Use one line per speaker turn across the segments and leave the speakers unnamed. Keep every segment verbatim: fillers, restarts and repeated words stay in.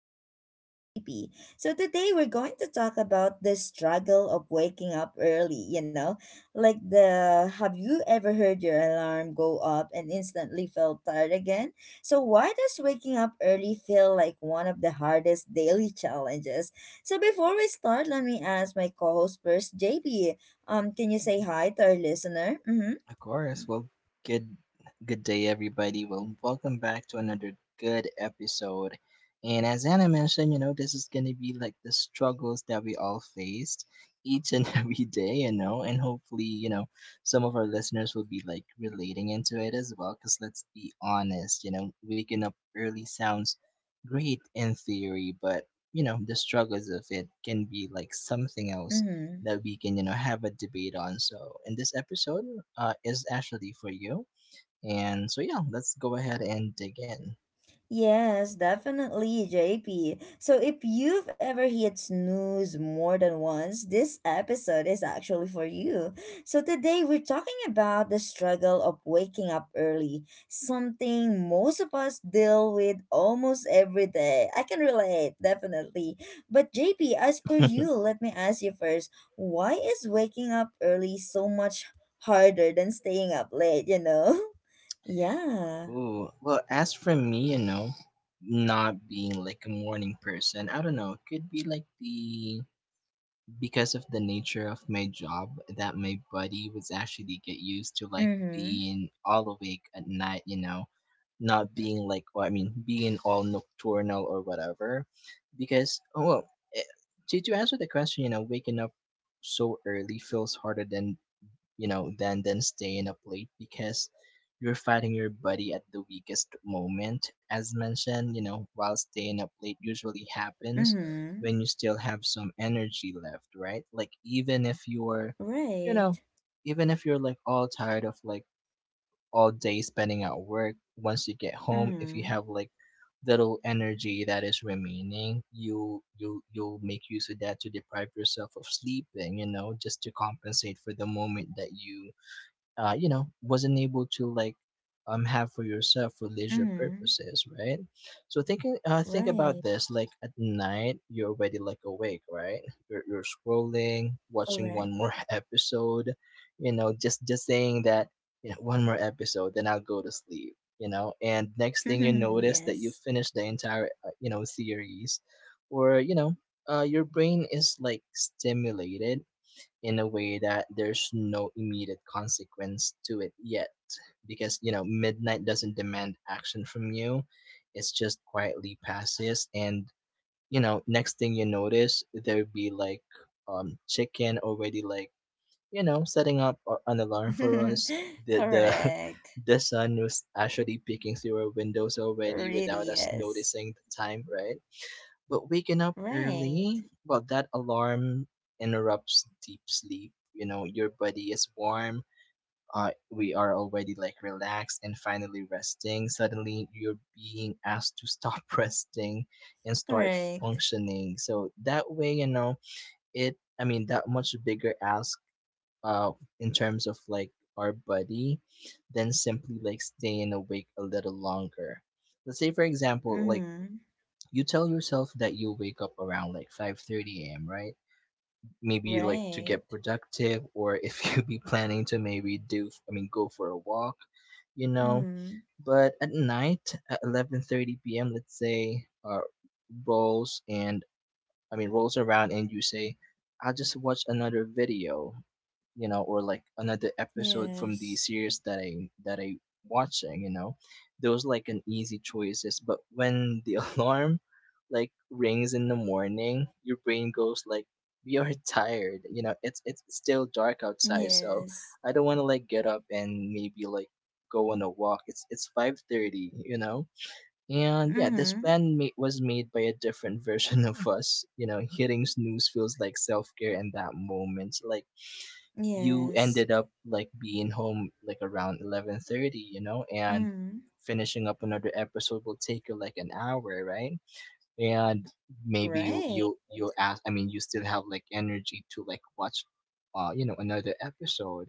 podcast with J P. So today we're going to talk about the struggle of waking up early, you know? Like the Have you ever heard your alarm go up and instantly felt tired again? So why does waking up early feel like one of the hardest daily challenges? So before we start, let me ask my co-host first, J P. Um can you say hi to our listener? Mhm.
Of course. Well, good good day everybody. Well, welcome back to another good episode. And as Anna mentioned, you know, this is going to be like the struggles that we all faced each and every day, you know, and hopefully, you know, some of our listeners will be like relating into it as well cuz let's be honest, you know, waking up early sounds great in theory, but you know, the struggles of it can be like something else
Mhm.
that we can you know have a debate on. So in this episode uh, is actually for you, and so yeah, let's go ahead and dig in.
Yes, definitely, J P. So if you've ever hit snooze more than once, this episode is actually for you. So today we're talking about the struggle of waking up early, something most of us deal with almost every day. I can relate, definitely. But J P, as per you, let me ask you first, why is waking up early so much harder than staying up late, you know? Yeah.
Ooh, well, as for me, you know, not being like a morning person, I don't know. It could be like the because of the nature of my job that my body was actually get used to like
Mm-hmm.
being all awake at night. You know, not being like well, I mean being all nocturnal or whatever because oh, well eh, to, to answer the question, you know waking up so early feels harder than, you know than than staying up late because you're fighting your body at the weakest moment as mentioned, you know while staying up late usually happens
Mm-hmm.
when you still have some energy left, right, like even if you're you
Right.
know even if you're like all tired of like all day spending at work. Once you get home, if you
Mm.
have like little energy that is remaining, you you you'll make use of that to deprive yourself of sleep, and you know, just to compensate for the moment that you uh, you know wasn't able to like um have for yourself for leisure
Mm.
purposes, right. So thinking uh think
Right.
about this, like at night you're already like awake, right? You're, you're scrolling, watching one
Correct.
more episode, you know just just saying that, you know one more episode then I'll go to sleep, you know and next thing you notice that you
Yes.
finished the entire uh, you know series, or you know uh, your brain is like stimulated in a way that there's no immediate consequence to it yet because, you know midnight doesn't demand action from you. It's just quietly passes and, you know next thing you notice there'd be like um chicken already, like you know setting up a- an alarm for us, the the
Correct.
the sun was actually peeking through our windows already without
Really,
us
yes.
noticing the time, right? But waking up
Right.
early, well, that alarm interrupts deep sleep. You know, your body is warm. Uh, we are already like relaxed and finally resting. Suddenly, you're being asked to stop resting and start
Correct.
functioning. So that way, you know, it. I mean, that much bigger ask. Uh, in terms of like our body, than simply like staying awake a little longer. Let's say for example like
Mm.
you tell yourself that you'll wake up around like five thirty a m, right? Maybe like to get
Right.
productive, or if you be planning to maybe do I mean go for a walk, you know.
Mm.
But at night at eleven thirty p m, let's say, uh rolls and I mean rolls around and you say, I'll just watch another video, you know, or like another episode from the
Yes.
series that I that I watching, you know, those like an easy choices. But when the alarm like rings in the morning, your brain goes like, "We are tired," you know. It's it's still dark outside, so
Yes.
I don't want to like get up and maybe like go on a walk. It's it's five thirty, you know. And yeah, this
Mm.
plan ma- was made by a different version of us. You know, hitting snooze feels like self care in that moment. Like you
Yes.
ended up like being home like around eleven thirty, you know and
Mm.
finishing up another episode will take you like an hour, right. And maybe you
Right.
you you ask I mean you still have like energy to like watch uh you know another episode.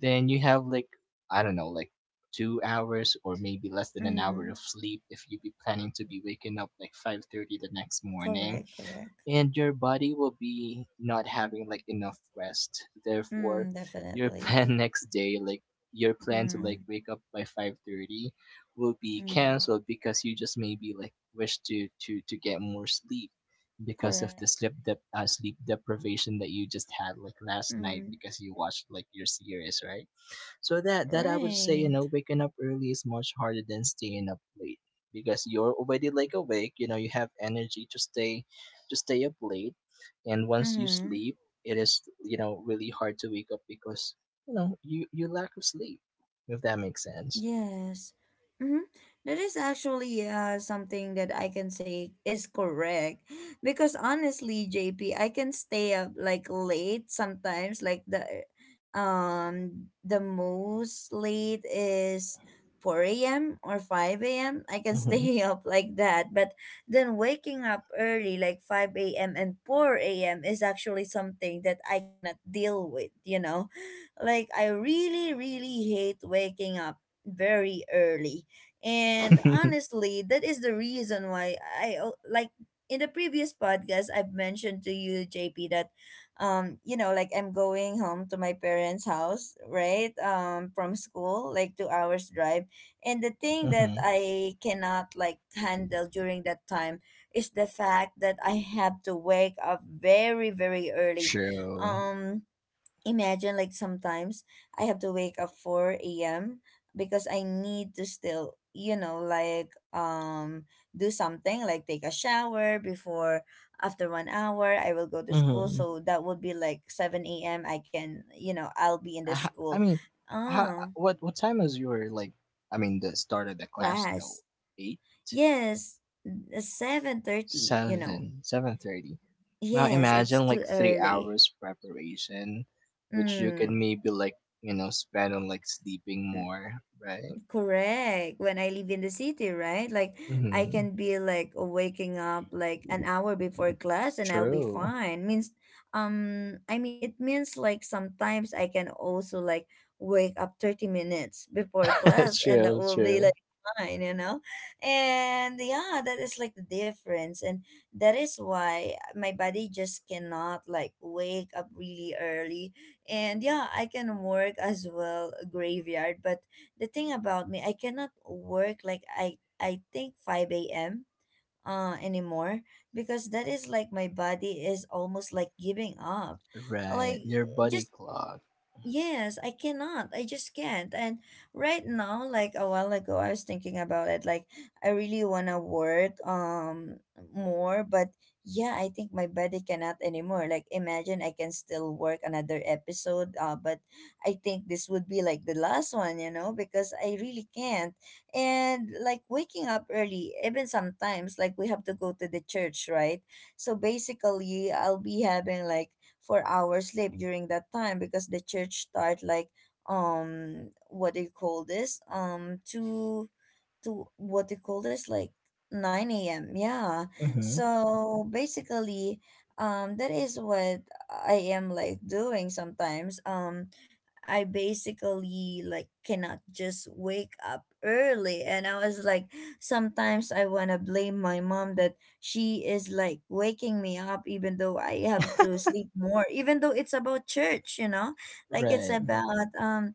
Then you have like, I don't know, like 2 hours or maybe less than an hour
Mm.
of sleep if you be planning to be waking up like five thirty the next morning,
Correct. Correct.
and your body will be not having like enough rest. Therefore,
Mm.
your
Definitely.
plan next day, like your plan to like
Mm.
wake up by five thirty will be
Mm.
canceled because you just maybe like wish to to to get more sleep because of
Correct.
the sleep dep- uh, sleep deprivation that you just had like last night
Mm.
because you watched like your series, right. So that that I would say, you
Right.
know, waking up early is much harder than staying up late because you're already like awake, you know, you have energy to stay to stay up late. And once you
Mm.
sleep, it is, you know, really hard to wake up because, you know, you you lack of sleep, if that makes sense.
Yes. Mm-hmm. That is actually uh, something that I can say is correct. Because honestly, J P, I can stay up like late sometimes. Like the um the most late is four a m or five a m. I can
Mhm.
stay up like that. But then waking up early like five a m and four a m is actually something that I cannot deal with, you know? Like I really really hate waking up very early. And honestly, that is the reason why I al- like in the previous podcast I've mentioned to you J P that um you know, like I'm going home to my parents' house, right? Um, from school, like two hours drive. And the thing that
Mhm.
I cannot like handle during that time is the fact that I have to wake up very very early.
True.
Um, imagine like sometimes I have to wake up four a m because I need to still, you know, like um do something like take a shower before after one hour I will go to school.
Mhm.
So that would be like seven a m. I can, you know, I'll be in the
I, ha- I
school.
mean, how,
Oh,
what what time is your, like, I mean the start of the class though?
class.
eight?
Yes, seven thirty, you know.
Seven, seven thirty. Well,
Yes, it's
imagine
too
like three
early.
hours preparation, which you can
Mm.
maybe like you know spend on like sleeping more, right?
Correct. When I live in the city, right? Like I
Mm-hmm.
can be like waking up like an hour before class and I'll be
True.
fine. Means um, I mean, it means like sometimes I can also like wake up thirty minutes before class and that
True.
will be
True.
like fine, you know? And yeah, that is like the difference and that is why my body just cannot like wake up really early. And yeah, I can work as well graveyard, but the thing about me, I cannot work like I I think five a m uh, anymore because that is like my body is almost like giving up.
Right.
Like
Your body
just
clock.
Yes, I cannot. I just can't. And right now, like a while ago, I was thinking about it. Like I really wanna work um, more, but yeah, I think my body cannot anymore. Like imagine I can still work another episode, uh, but I think this would be like the last one, you know, because I really can't. And like waking up early, even sometimes like we have to go to the church, right? So basically, I'll be having like for our sleep during that time because the church start like um, what do you call this, um, two to what do you call this, like nine a.m, yeah.
Mm-hmm.
So basically um, that is what I am like doing sometimes. um I basically like cannot just wake up early and I was like sometimes I want to blame my mom that she is like waking me up even though I have to sleep more, even though it's about church, you know, like it's
Right.
about um,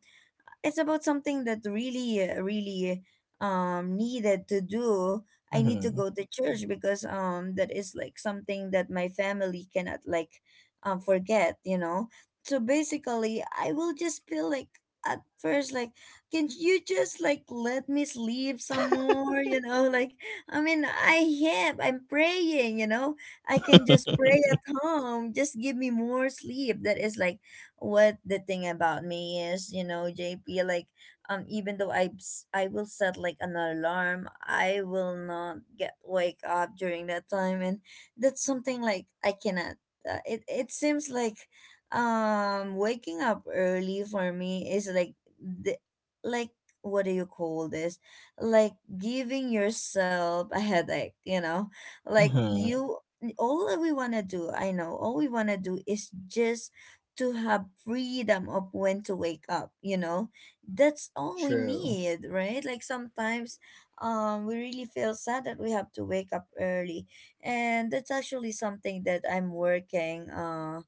it's about something that really uh, really um needed to do. I need to
Mm-hmm.
go to church because um, that is like something that my family cannot like um forget, you know. So basically I will just feel like at first like, can you just like let me sleep some more, you know? Like I mean, i have I'm praying, you know, I can just pray at home, just give me more sleep. That is like what the thing about me is, you know, J P. Like um, even though I I will set like an alarm, I will not get wake up during that time and that's something like I cannot, uh, it it seems like um, waking up early for me is like the like what do you call this, like giving yourself a headache, you know? Like
Mm-hmm.
you all that we want to do I know all we want to do is just to have freedom of when to wake up, you know? That's all we
True.
need, right? Like sometimes um, we really feel sad that we have to wake up early, and that's actually something that I'm working uh,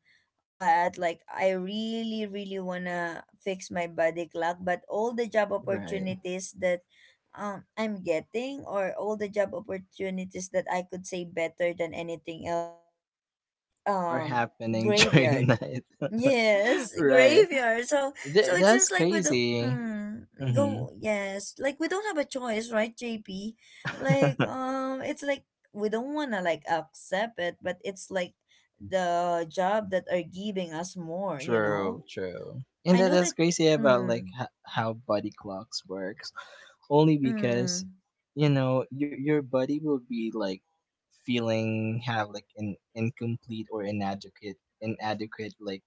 at. Like I really really wanna fix my body clock, but all the job
Right.
opportunities that um, I'm getting, or all the job opportunities that I could say better than anything else is
Or
um,
happening during
graveyard.
night.
Yes,
Right.
graveyard. So so
Th-
it
that's
seems like we don't,
crazy.
mm, go, yes. Like we don't have a choice, right, J P? Like
Mm-hmm.
um, it's like we don't wanna like accept it, but it's like the job that are giving us more, you
True,
know?
true. And
I
that
know
is
that,
crazy about, like,
mm,
h- how body clocks works, only because,
mm,
you know your your body will be like feeling have like an incomplete or inadequate inadequate like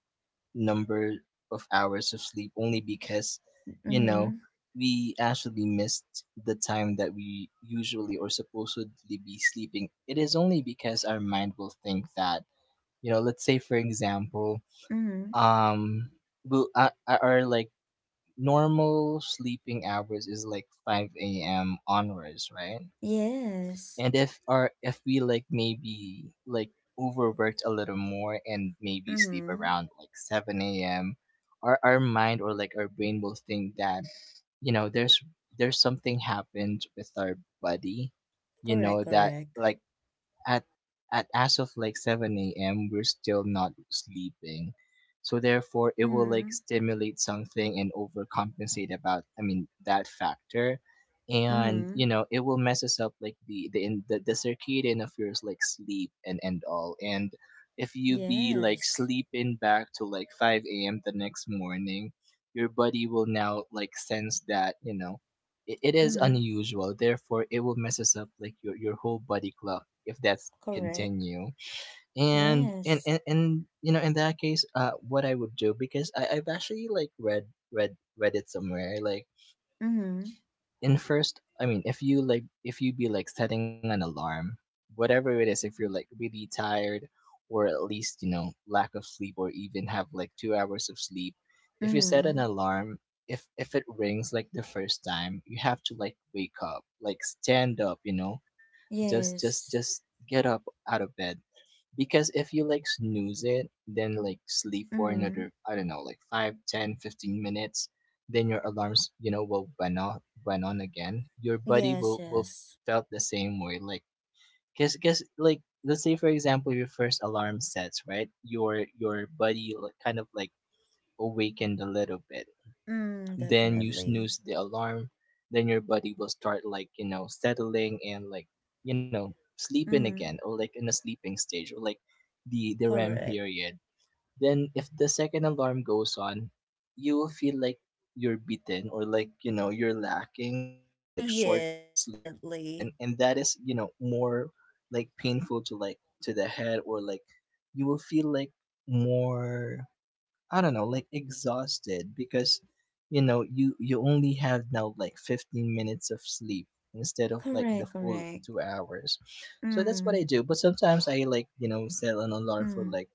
number of hours of sleep only because, you know
mm-hmm,
we actually missed the time that we usually or supposedly be sleeping. It is only because our mind will think that, you know let's say for example
mm-hmm.
um bu- uh, uh, or like normal sleeping hours is like five a m a.m. onwards, right.
Yes.
And if our if we like maybe like overworked a little more and maybe sleep
Mm-hmm.
around like seven a m a.m., our, our mind or like our brain will think that, you know there's there's something happened with our body, you
Correct,
know that
correct.
like at at as of like seven a m we're still not sleeping. So therefore it will like
Mm-hmm.
stimulate something and overcompensate about I mean that factor. And,
Mm-hmm.
you know, it will mess us up like the the in the, the circadian of yours like sleep and and all. And if you be like
Yes.
sleeping back to like five a m the next morning, your body will now like sense that, you know, it, it is
Mm-hmm.
unusual, therefore it will messes up like your, your whole body clock if that's
Correct.
continue. and and and,
Yes.
and you know in that case, uh what I would do, because I, i've actually like read read read it somewhere, like
Mm-hmm.
in first I mean if you like if you be like setting an alarm, whatever it is, if you're like really tired or at least, you know lack of sleep, or even have like two hours of sleep, if you set an
Mm,
alarm, if if it rings like the first time you have to like wake up, like stand up, you know just just just
yes.
get up out of bed. Because if you like snooze it, then like sleep for
Mm,
another, I don't know, like five, ten, fifteen minutes, then your alarms, you know, will went on, went on again. Your body
yes,
will will
yes.
felt the same way. Like, cause, cause like, let's say for example your first alarm sets, right, your your body like kind of like awakened a little bit,
Mm,
then you
definitely.
snooze the alarm, then your body will start like, you know, settling, and like, you know, sleeping again,
Mm,
or like in a sleeping stage or like the the REM
correct.
period. Then if the second alarm goes on, you will feel like you're beaten, or like, you know, you're lacking or like short
Yes,
of sleep
definitely.
again, and that is, you know, more like painful to like to the head, or like you will feel like more, I don't know, like exhausted because, you know you you only have now like fifteen minutes of sleep instead of like the
Correct,
full
correct.
two hours. So that's what I
Mm,
do, but sometimes I like, you know, set an alarm for
mm.
like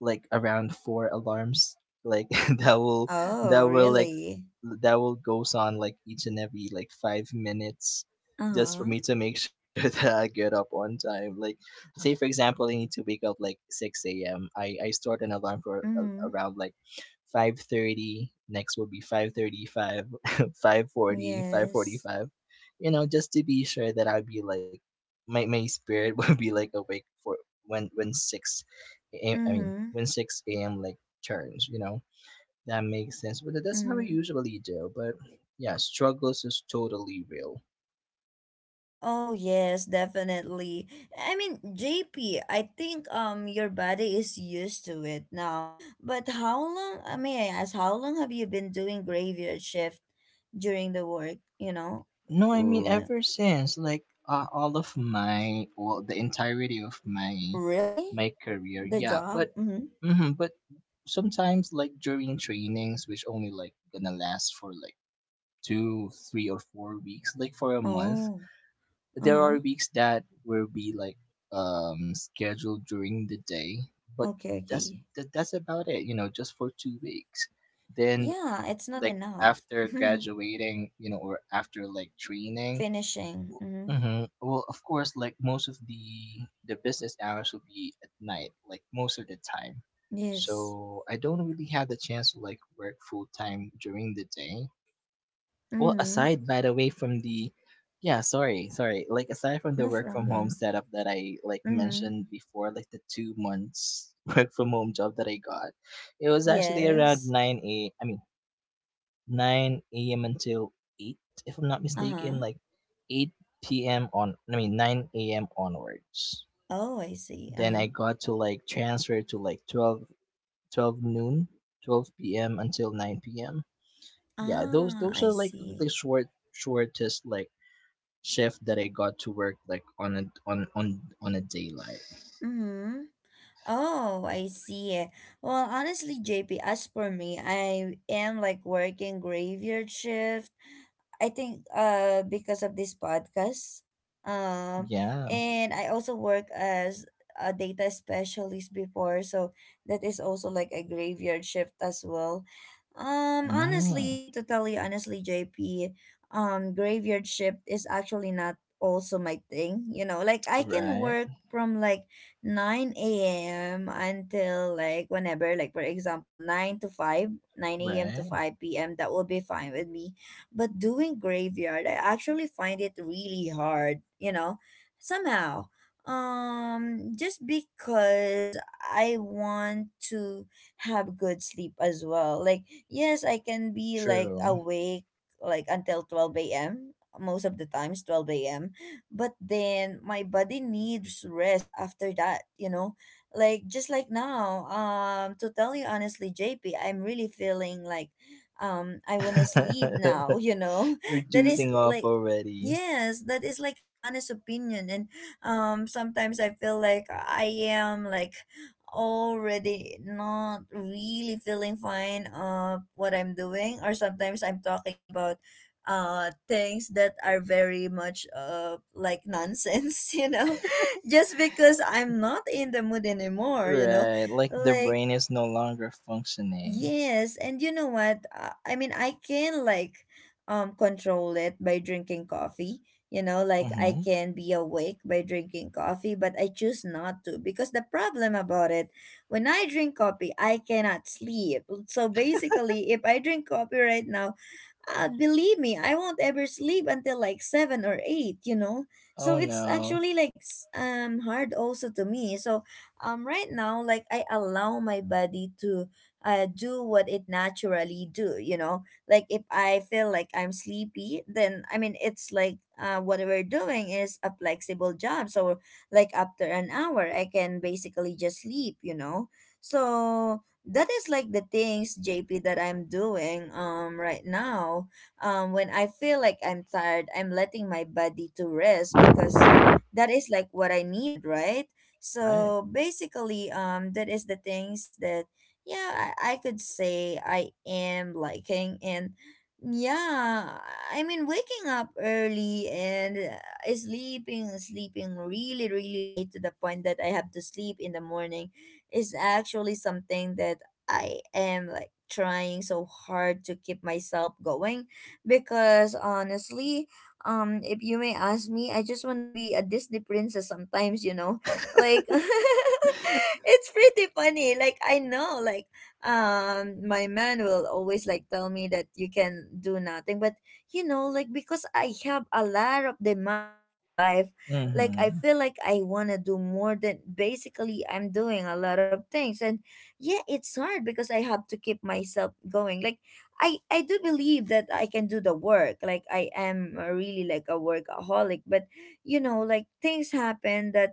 like around four alarms, like that will
Oh,
that will like
really?
that will goes on like each and every like five minutes, just for
Uh-huh.
me to make sure that I get up on time. Like, say for example I need to wake up like six a m. I, I start an alarm for a
Mm,
around like five thirty, next will be five thirty five, five forty, five forty
yes.
five. You know, just to be sure that I'd be like my my spirit would be like awake for when when six a- I mean,
Mm-hmm.
when six a m like turns, you know, that makes sense. But that's how we
Mm.
usually do. But yeah, struggles is totally real.
Oh, yes, definitely. I mean, J P. I think um, your body is used to it now. But how long, uh, may I ask, how long have you been doing graveyard shift? During the work, you know.
No, I mean,
Like,
ever since like uh, all of my, well, the entirety of my
really?
my career,
The
yeah.
job?
But
Mm-hmm.
hmm but sometimes like during trainings, which only like gonna last for like two, three or four weeks, like for a month,
Oh,
there
uh-huh.
are weeks that will be like um scheduled during the day, but
Okay,
that's
okay.
that, that's about it, you know, just for two weeks. Then
Yeah, it's not
like
enough.
after graduating, you know, or after like training.
Finishing. Mm-hmm.
Hmm well, of course, like most of the the business hours will be at night, like most of the time.
Yes.
So I don't really have the chance to like work full time during the day. Well,
Mm-hmm.
aside by the way from the yeah, sorry, sorry. Like aside from the
No
work from home
problem.
setup that I like
Mm-hmm.
mentioned before, like the two months work from home job that I got, it was actually around
Yes.
nine a. I mean nine a m until eight, if I'm not mistaken,
Uh-huh.
like eight p m on. I mean nine a m onwards.
Oh, I see.
Then
Uh-huh.
I got to like transfer to like twelve, twelve noon, twelve p m until nine p m. Yeah, those
Ah,
those
I
are like the
see.
short shortest like shift that I got to work like on a on on on a daylight.
Mm-hmm. Oh, I see. Well, honestly, J P, as for me, I am like working graveyard shift, I think uh, because of this podcast. Um,
Yeah.
and I also work as a data specialist before, so that is also like a graveyard shift as well. Um,
Mm.
honestly, to tell you honestly, J P, um, graveyard shift is actually not also my thing. You know, like I can
Right.
work from like nine a m until like whenever, like for example, nine to five, nine a m to
Right.
five p m. That will be fine with me, but doing graveyard, I actually find it really hard, you know, somehow. Um, just because I want to have good sleep as well. Like, yes, I can be like
True.
awake like until twelve a m, most of the times twelve a m. But then my body needs rest after that, you know? Like just like now, um, to tell you honestly, J P, I'm really feeling like um, I want to sleep now, you know.
We're
That is
dozing off
like,
already.
yes, that is like an honest opinion. And um, sometimes I feel like I am like already not really feeling fine of what I'm doing, or sometimes I'm talking about uh, things that are very much uh, like nonsense. You know, just because I'm not in the mood anymore, you know.
Right. Like the
Like
brain is no longer functioning.
Yes, and you know what? Uh, I mean, I can like um, control it by drinking coffee. You know, like I
Mm-hmm.
can be awake by drinking coffee, but I choose not to because the problem about it, when I drink coffee, I cannot sleep. So basically, if I drink coffee right now, uh, believe me, I won't ever sleep until like seven or eight, you know. So
Oh
it's
no.
actually like s- um hard also to me. So um right now, like I allow my body to uh, do what it naturally do, you know like if I feel like I'm sleepy, then I mean it's like, uh, what we're doing is a flexible job. So like after an hour I can basically just sleep, you know. So that is like the things, JP, that I'm doing um right now. Um when I feel like I'm tired, I'm letting my body to rest because that is like what I needed, right?
Right.
So basically um that is the things that, yeah, I, I could say I am liking. And yeah, I mean waking up early and uh, sleeping sleeping really really late to the point that I have to sleep in the morning is actually something that I am like trying so hard to keep myself going. Because honestly, um if you may ask me, I just want to be a Disney princess sometimes, you know. Like it's pretty funny, like I know, like um my man will always like tell me that you can do nothing. But you know, like because I have a lot of demands in life, like I
Mm-hmm.
feel like I want to do more than, basically, I'm doing a lot of things. And yeah, it's hard because I have to keep myself going. Like i i do believe that I can do the work. Like I am a really like a workaholic. But you know, like things happen that,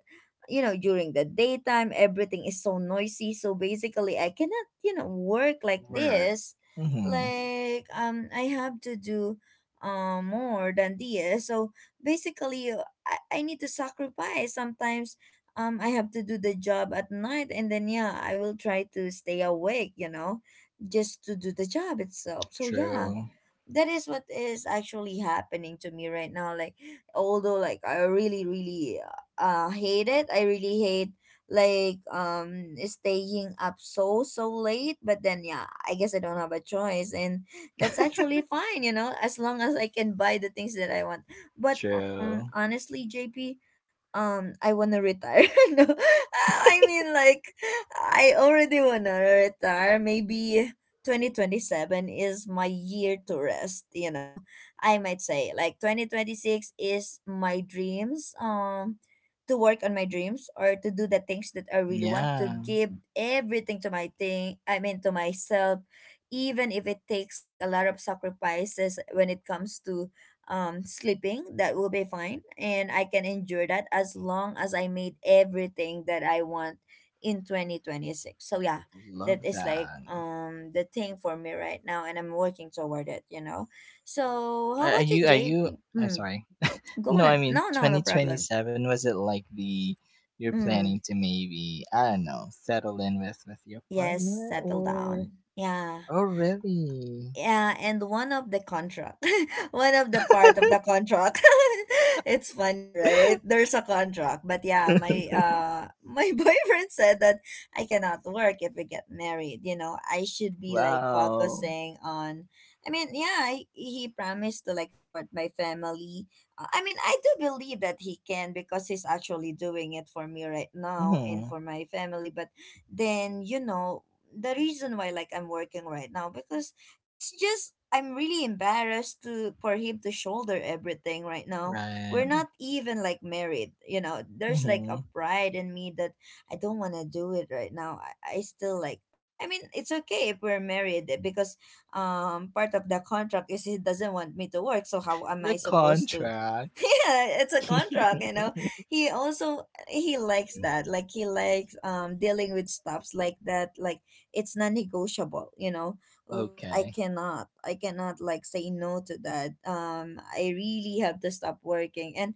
you know, during the daytime everything is so noisy, so basically I cannot, you know, work like
Work.
this.
Mm-hmm.
Like um I have to do um more than this. So basically, uh, i, I need to sacrifice sometimes. um I have to do the job at night, and then yeah, I will try to stay awake, you know, just to do the job itself. So yeah,
True.
that is what is actually happening to me right now. Like although like I really really uh hate it, I really hate like um staying up so so late. But then yeah, I guess I don't have a choice, and that's actually fine, you know, as long as I can buy the things that I want. But um
True.
honestly, JP, um I want to retire. no i I mean, like, I already want to retire. Maybe twenty twenty-seven is my year to rest, you know. I might say like twenty twenty-six is my dreams, um to work on my dreams, or to do the things that I really want, to
Yeah.
give everything to my thing, I mean to myself, even if it takes like a lot of sacrifices when it comes to um sleeping. That will be fine, and I can endure that as long as I made everything that I want in twenty twenty-six. So yeah, that
Love
is like
that.
um the thing for me right now, and I'm working toward it, you know. So how
Are are
about you,
you? Are you?
JP?
I
Mm,
sorry.
go
No, I
on.
mean
No, no, no problem.
twenty twenty-seven, was it like the you're planning
Mm,
to maybe, I don't know, settle in with with your
yes,
partner
settle
or
down, yeah.
oh really?
Yeah, and one of the contract, one of the part of the contract. It's funny, right? There's a contract. But yeah, my uh my boyfriend said that I cannot work if we get married. You know, I should be like
Wow.
focusing on. I mean, yeah, I, he promised to like support my family. Uh, I mean, I do believe that he can, because he's actually doing it for me right now and
hmm
for my family. But then you know. The reason why like I'm working right now, because it's just I'm really embarrassed to, for him to shoulder everything right now. We're
Right.
not even like married, you know. There's like
hmm
a pride in me that I don't want to do it right now. I, I still like, I mean, it's okay if we're married, eh, because um part of the contract is he doesn't want me to work, so how am
The
I supposed to?
contract.
Yeah, it's a contract, you know. He also he likes that. Like he likes um dealing with stuffs like that. Like it's non-negotiable, you know. Like i
Okay.
cannot i cannot like say no to that. um I really have to stop working. And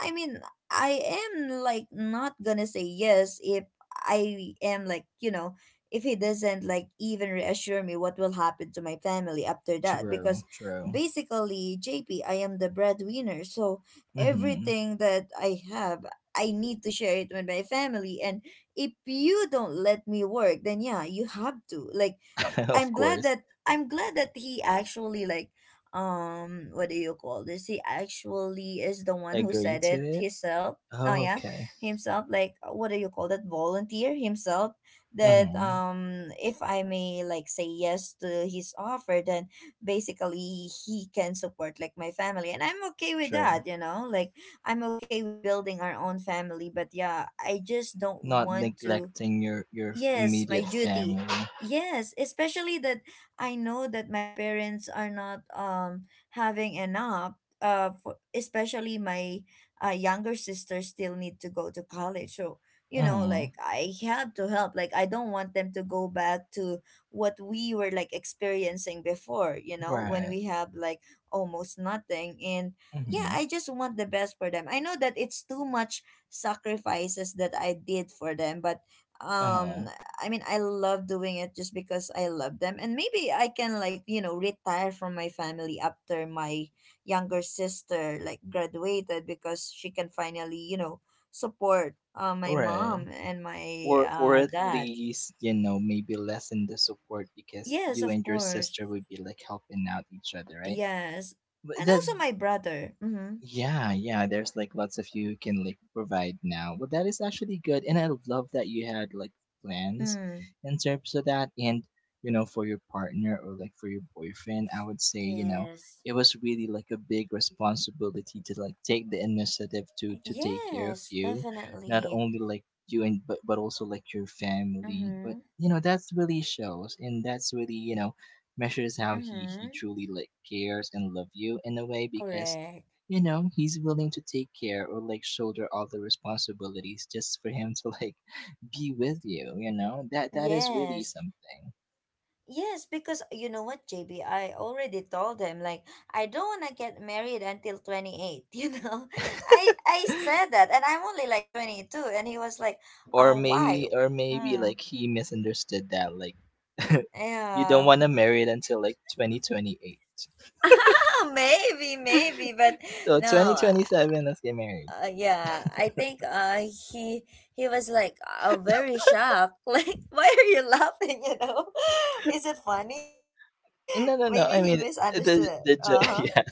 I mean, I am like not gonna say yes if I am like, you know, if he doesn't like even reassure me what will happen to my family after that.
True,
Because
true.
basically, JP, I am the breadwinner. So
Hmm
everything that I have, I need to share it with my family. And if you don't let me work, then yeah, you have to like,
Of
I'm glad
course.
that I'm glad that he actually like, um what do you call this? He actually is the one who
Agree
said
to
it
it?
himself. Oh
Oh,
yeah,
okay.
himself, like what do you call that, volunteer himself, that
hmm
um if I may like say yes to his offer, then basically he can support like my family, and I'm okay with
True.
that, you know? Like I'm okay with building our own family, but yeah, I just don't
Not
want to.
neglecting your your
Yes, my
immediate family.
duty. Yes, especially that I know that my parents are not um having enough. Uh, for, especially my uh, younger sister still need to go to college. So you know,
Hmm
like I have to help. Like I don't want them to go back to what we were like experiencing before. You know, when
Right.
we have like almost nothing. And yeah,
Mhm.
I just want the best for them. I know that it's too much sacrifices that I did for them, but
Uh-huh.
um I mean, I love doing it just because I love them. And maybe I can like, you know, retire from my family after my younger sister like graduated, because she can finally, you know, support uh, my mom
Right.
and my
Or or
uh
at
dad.
least, you know, maybe lessen the support because
Yes,
you
of
and your
course.
sister would be like helping out each other, right?
Yes.
But
And
that
also my brother. Mm-hmm.
yeah, yeah. There's like lots of you can like provide now. Well, that is actually good, and I love that you had like plans
Mm.
in terms of that. And you know, for your partner or like for your boyfriend, I would say, you know,
Yes.
it was really like a big responsibility to like take the initiative to to take care of
Yes,
you, not
definitely.
only like you and but but also like your family. But
Mm-hmm.
you know, that's really shows, and that's really, you know, measures how he he
Mm-hmm.
truly like cares and love you in a way, because
Correct.
you know he's willing to take care or like shoulder all the responsibilities just for him to like be with you, you know, that that is really
Yes.
something.
Yes, because you know what, J B, I already told him like I don't want to get married until twenty-eight, you know. I I said that, and I'm only like twenty-two, and he was like,
Or
"Uh, why?"
maybe or maybe
Hmm.
like he misunderstood that, like you don't
Yeah.
want to marry it until like twenty twenty-eight,
Maybe, maybe, but
so
no.
twenty twenty-seven let's get married.
Uh, yeah, I think uh he he was like uh, very shocked. Like, why are you laughing, you know? Is it funny?
No no no,
Maybe
I
he
mean the
misunderstood.
the jo-
Uh-huh.
yeah,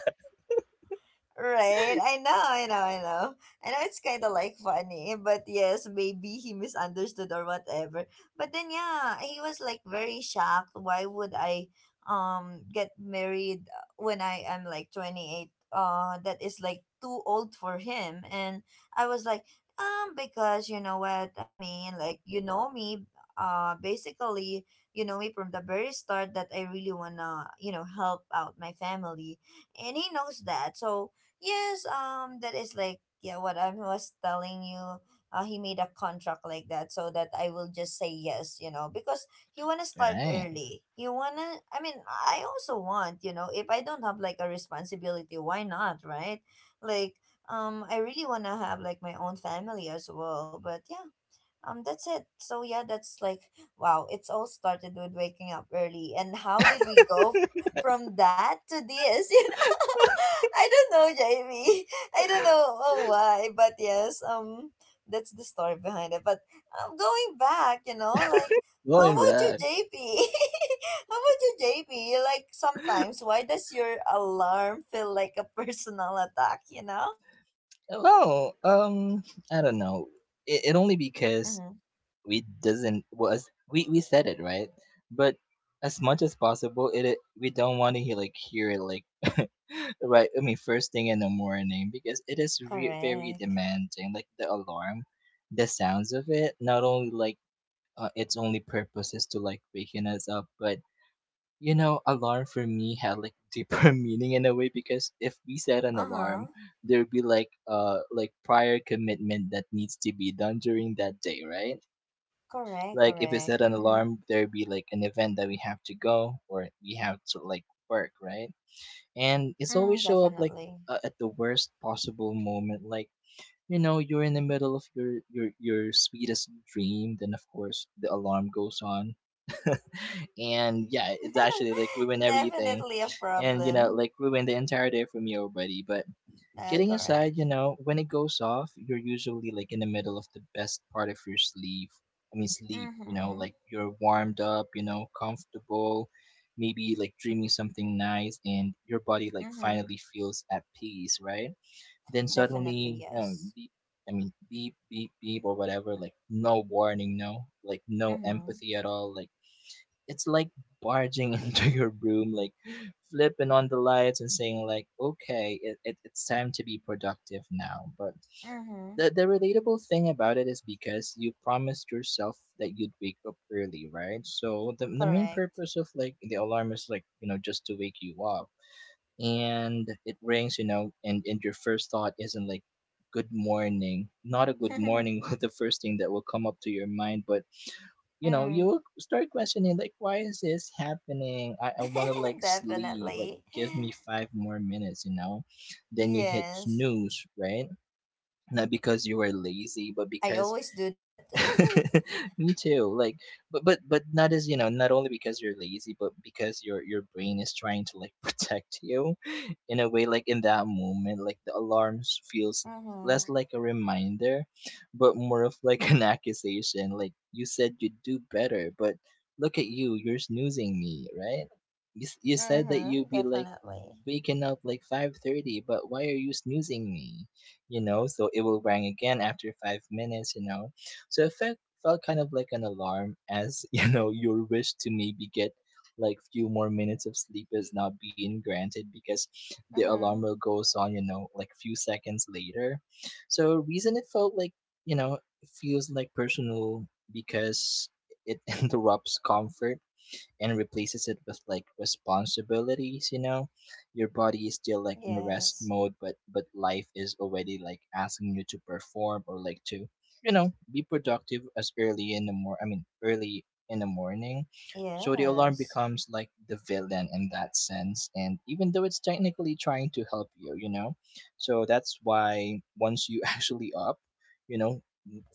Right, I know, I know, I know. I know it's kind of like funny, but yes, maybe he misunderstood or whatever. But then yeah, he was like very shocked. Why would I um get married uh, when I am like twenty-eight? Uh, that is like too old for him. And I was like, um because you know what I mean, like you know me, uh basically, you know me from the very start that I really wanna, you know, help out my family. And he knows that. So yes, um, that is like, yeah, what I was telling you. Uh, he made a contract like that so that I will just say yes, you know, because he wanna start
right.
early. He wanna. I mean, I also want, you know, if I don't have like a responsibility, why not, right? Like, um, I really wanna have like my own family as well. But yeah, um, that's it. So yeah, that's like wow. It's all started with waking up early, and how did we go f- from that to this? You know, I don't know, Jamie. I don't know, oh, why, but yes, um, that's the story behind it. But um, going back, you know, like how
Going
about you,
back,
J P? How about you, J P? Like sometimes, why does your alarm feel like a personal attack? You know? Uh huh.
well, um I don't know, it, it only because
Mm-hmm.
we doesn't was we we said it right, but as much as possible, it, it we don't want to hear like hear it like right. I mean, first thing in the morning, because it is re- very
Correct.
demanding. Like the alarm, the sounds of it. Not only like uh, its only purpose is to like waken us up, but you know, alarm for me had like deeper meaning in a way, because if we set an
Uh huh.
alarm, there'd be like uh like prior commitment that needs to be done during that day, right?
Correct,
Like if we
correct.
set an
Mm-hmm.
alarm, there'd be like an event that we have to go or we have to like work, right? And it's always
Mm,
show up like
definitely.
uh, at the worst possible moment. Like you know, you're in the middle of your your your sweetest dream, then of course the alarm goes on, and yeah, it's actually like ruin everything,
Definitely a
and you know
problem.
like ruin the entire day for me already. But
Uh,
kidding aside, you
correct.
know, when it goes off, you're usually like in the middle of the best part of your sleep. I mean, sleep, you know,
Mm-hmm.
like you're warmed up, you know, comfortable, maybe like dreaming something nice, and your body like
Mm-hmm.
finally feels at peace, right? Then
Definitely,
suddenly, um,
yes.
beep, I mean, beep, beep, beep, or whatever, like no warning, no, like no
Mm-hmm.
empathy at all, like it's like barging into your room, like flipping on the lights and saying like, okay, it, it, it's time to be productive now. But
Mm-hmm.
the, the relatable thing about it is because you promised yourself that you'd wake up early, right? So the, the main
Correct.
purpose of like the alarm is like, you know, just to wake you up, and it rings, you know, and, and your first thought isn't like good morning. Not a good morning, the first thing that will come up to your mind, but you know, you
Mm.
will start questioning like why is this happening? I, I wanna like sleep, like
Definitely.
give me five more minutes, you know. Then you hit
Yes.
snooze, right? Not because you were lazy, but
I
because
always do that.
me too. Like, but but but not as you know, not only because you're lazy, but because your your brain is trying to like protect you, in a way. Like in that moment, like the alarms feels less
Mm-hmm.
like a reminder, but more of like an accusation. Like you said, you'd do better, but look at you, you're snoozing me, right? You s- you said that you'd
Mm-hmm.
be like
Definitely.
waking up like five thirty, but why are you snoozing me? You know, so it will ring again after five minutes, you know. So it felt, felt kind of like an alarm as, you know, your wish to maybe get like few more minutes of sleep is not being granted because the alarm
Mm-hmm.
will goes on, you know, like few seconds later. So reason it felt like, you know, it feels like personal because it interrupts comfort and replaces it with like responsibilities, you know, your body is still like in rest
Yes.
mode, but but life is already like asking you to perform or like to you know be productive as early in the mor I mean early in the morning. So the alarm
Yes.
becomes like the villain in that sense, and even though it's technically trying to help you, you know. So that's why once you actually up, you know,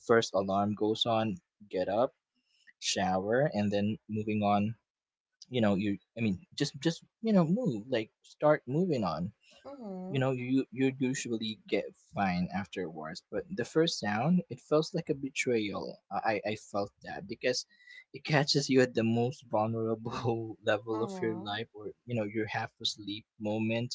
first alarm goes on, get up, shower, and then moving on, you know, you I mean just just you know move, like start moving on, you
Mm-hmm.
know, you you usually get fine afterwards, but the first sound it feels like a betrayal. i i I felt that because it catches you at the most vulnerable level of your
Mm-hmm.
life, or you know your half asleep moment,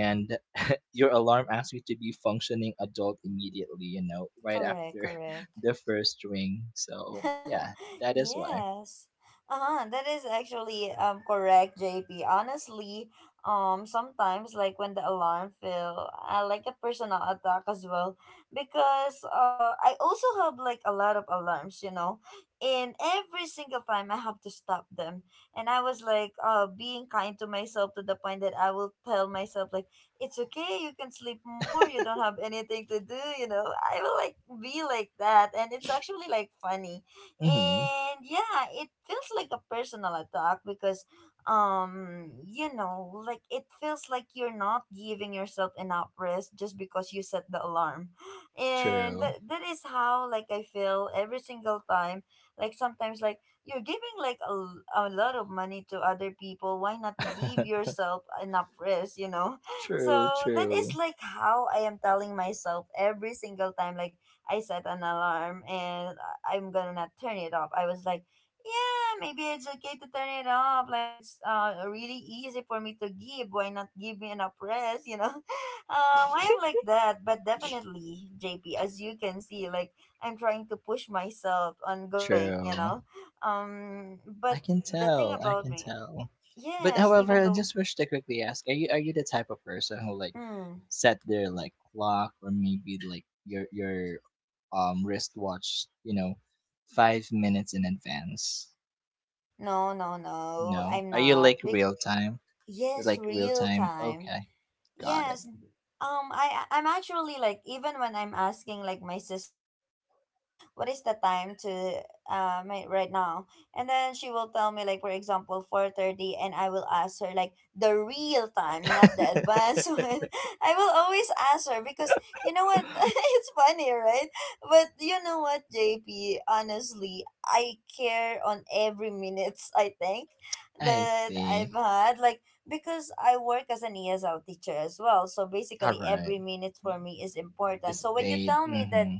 and your alarm asks you to be functioning adult immediately, you know, right
Correct,
after
correct.
the first ring. So yeah, that is why
Yes. Uh-huh, that is actually um correct, J P. Honestly, um sometimes like when the alarm feel, I like a personal attack as well, because uh I also have like a lot of alarms, you know. And every single time I have to stop them. And I was like uh being kind to myself to the point that I will tell myself like it's okay, you can sleep more, you don't have anything to do, you know. I will like be like that, and it's actually like funny.
hmm
And yeah, it feels like a personal attack because um you know, like it feels like you're not giving yourself enough rest just because you set the alarm. And
true.
that, that is how like I feel every single time. Like sometimes like you're giving like a, l- a lot of money to other people, why not give yourself enough rest, you know? So
True,
that is
true,
like how I am telling myself every single time, like I set an alarm, and I- am gonna not turn it off. I was like, yeah, maybe it's okay to turn it off. Like it's uh really easy for me to give. Why not give me enough rest? You know, um, I am like that. But definitely, J P, as you can see, like I'm trying to push myself on going.
true.
You know, um, but
I can
the thing
tell. I
about
can
me,
tell. But
yes,
however,
even
I
though,
just wish to quickly ask: Are you are you the type of person who like
mm,
set their like clock or maybe like your your um wristwatch? You know, five minutes in advance.
no, no, no,
No,
I'm
are you
not.
like
Be-
real time? You're
yes,
like real
real
time.
time.
Okay, got it.
Yes. Um, I I- I'm actually like even when I'm asking like my sister about it, like what is the time to uh my, right now, and then she will tell me like for example four thirty, and I will ask her like the real time, not the advanced one. I will always ask her because you know what, it's funny, right? But you know what, J P, honestly, I care on every minutes I think
I
that
see.
I've had like because I work as an E S L teacher as well. So
All
basically,
right.
every minute for me is important.
It's
So when you
paid.
tell me that
Mm-hmm.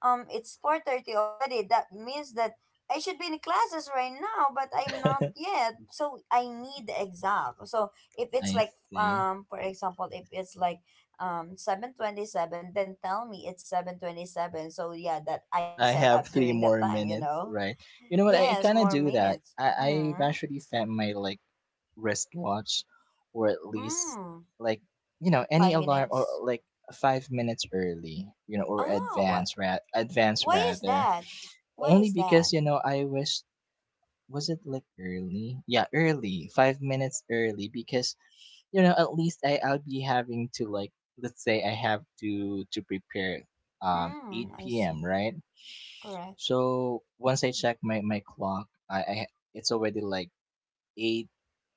um it's four thirty already, that means that I should be in classes right now, but I'm not yet. So I need the exact. So if it's
I
like
see.
um for example, if it's like um seven twenty seven, then tell me it's seven twenty seven. So yeah, that I could
I
set
have
up
three
during that
more
time. You
minutes,
know.
right? You know what? I I
Yes,
kind of
more
do that.
minutes.
I I've
Mm.
actually set my like wristwatch, or at least
Mm.
like you know any
Five
alarm or
minutes.
like five minutes early, you know, or
Oh.
advance rat advance
Why is
rather.
that? Why
Only
is
because
that?
you know I wish was it like early? Yeah, early, five minutes early, because you know at least I I'll be having to like let's say I have to to prepare um
Mm, I
eight p m
see.
right.
Correct.
So once I check my my clock, I, I it's already like eight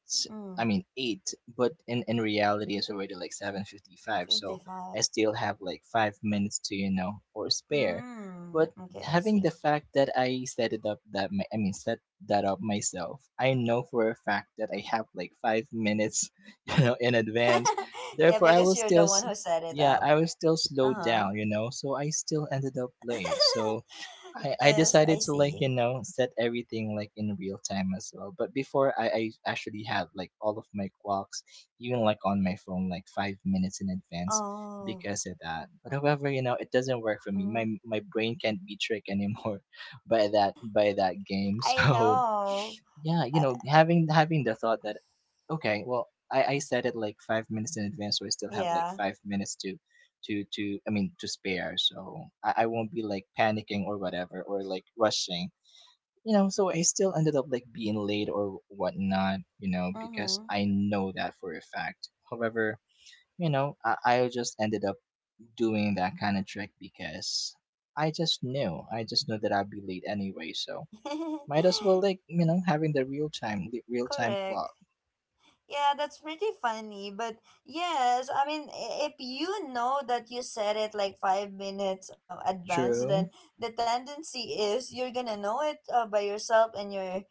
s- I
Mm,
mean eight, but in in reality it's already like seven fifty five. So I
fifty-five.
still have like five minutes to you know or spare. But
Mm, okay, I
having the
see.
fact that I set it up that my, I mean set that up myself, I know for a fact that I have like five minutes, you know, in advance.
yeah,
Therefore, I
because
will
you're
still,
the one
s-
who set it
yeah,
up.
I will still slow
Uh-huh.
down, you know. So I still ended up late. So I, I
yes,
decided
I
to like you
see.
know set everything like in real time as well. But before I, I actually had like all of my clocks even like on my phone like five minutes in advance
Oh,
because of that. But however, you know, it doesn't work for me. my
mm,
my brain can't be tricked anymore by that, by that game.
I
So
know.
yeah, you
Uh,
know, having having the thought that okay, well, i i said it like five minutes in advance, so I still have like
yeah.
five minutes to to to I mean to spare, so i, I won't be like panicking or whatever or like rushing, you know. So I still ended up like being late or whatnot, you know, because
Mm-hmm.
I know that for a fact. However, you know, i, I just ended up doing that kind of trick because i just knew I just knew that I'd be late anyway. So might as well like, you know, having the real time, the real time
Correct.
clock.
Yeah, that's pretty funny. But yes, I mean, i- if you know that you said it like five minutes uh, advanced, then
True.
the tendency is you're gonna know it uh, by yourself, and you're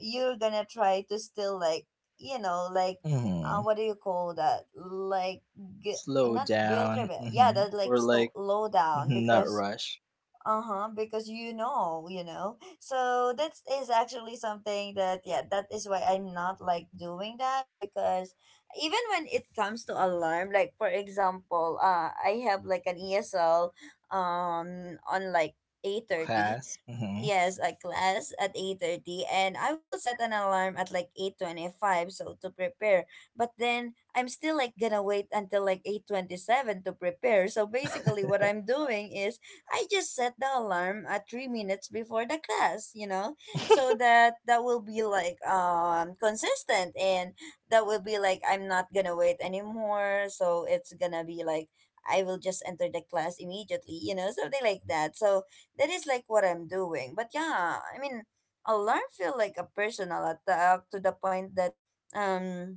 you're gonna try to still like you know like uh,
Hmm
what do you call that like gu-
Slow
not guilt trip
down.
it. Yeah,
Hmm
that like
Or
sto-
like
low down
mhm, not
because
rush
uh-huh because you know you know so that is actually something that, yeah, that is why I'm not like doing that. Because even when it comes to alarm, like for example, uh I have like an ESL um on like eight thirty.
class. Hmm
Yes, a class at eight thirty, and I will set an alarm at like eight twenty-five so to prepare. But then I'm still like gonna wait until like eight twenty-seven to prepare. So basically what I'm doing is I just set the alarm at three minutes before the class, you know. So that that will be like um consistent and that will be like I'm not gonna wait anymore. So it's gonna be like I will just enter the class immediately, you know, something like that. So that is like what I'm doing. But yeah, I mean, alarm feel like a personal attack to the point that um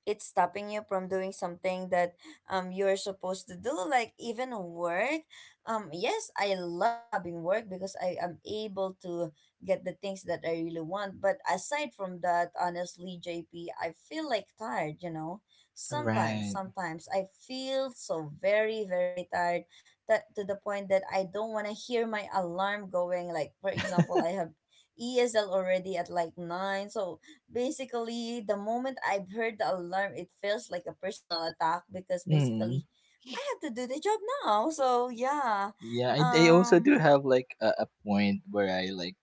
it's stopping you from doing something that um you're supposed to do, like even work. um yes, I love having work because I am able to get the things that I really want. But aside from that, honestly, JP, I feel like tired, you know. Sometimes,
Right.
sometimes I feel so very, very tired, that to the point that I don't want to hear my alarm going. Like for example, I have ESL already at like nine. So basically the moment I've heard the alarm, it feels like a personal attack because
hmm
basically I have to do the job now. So yeah,
Yeah, I, I also do
um,
have like a, a point where I like,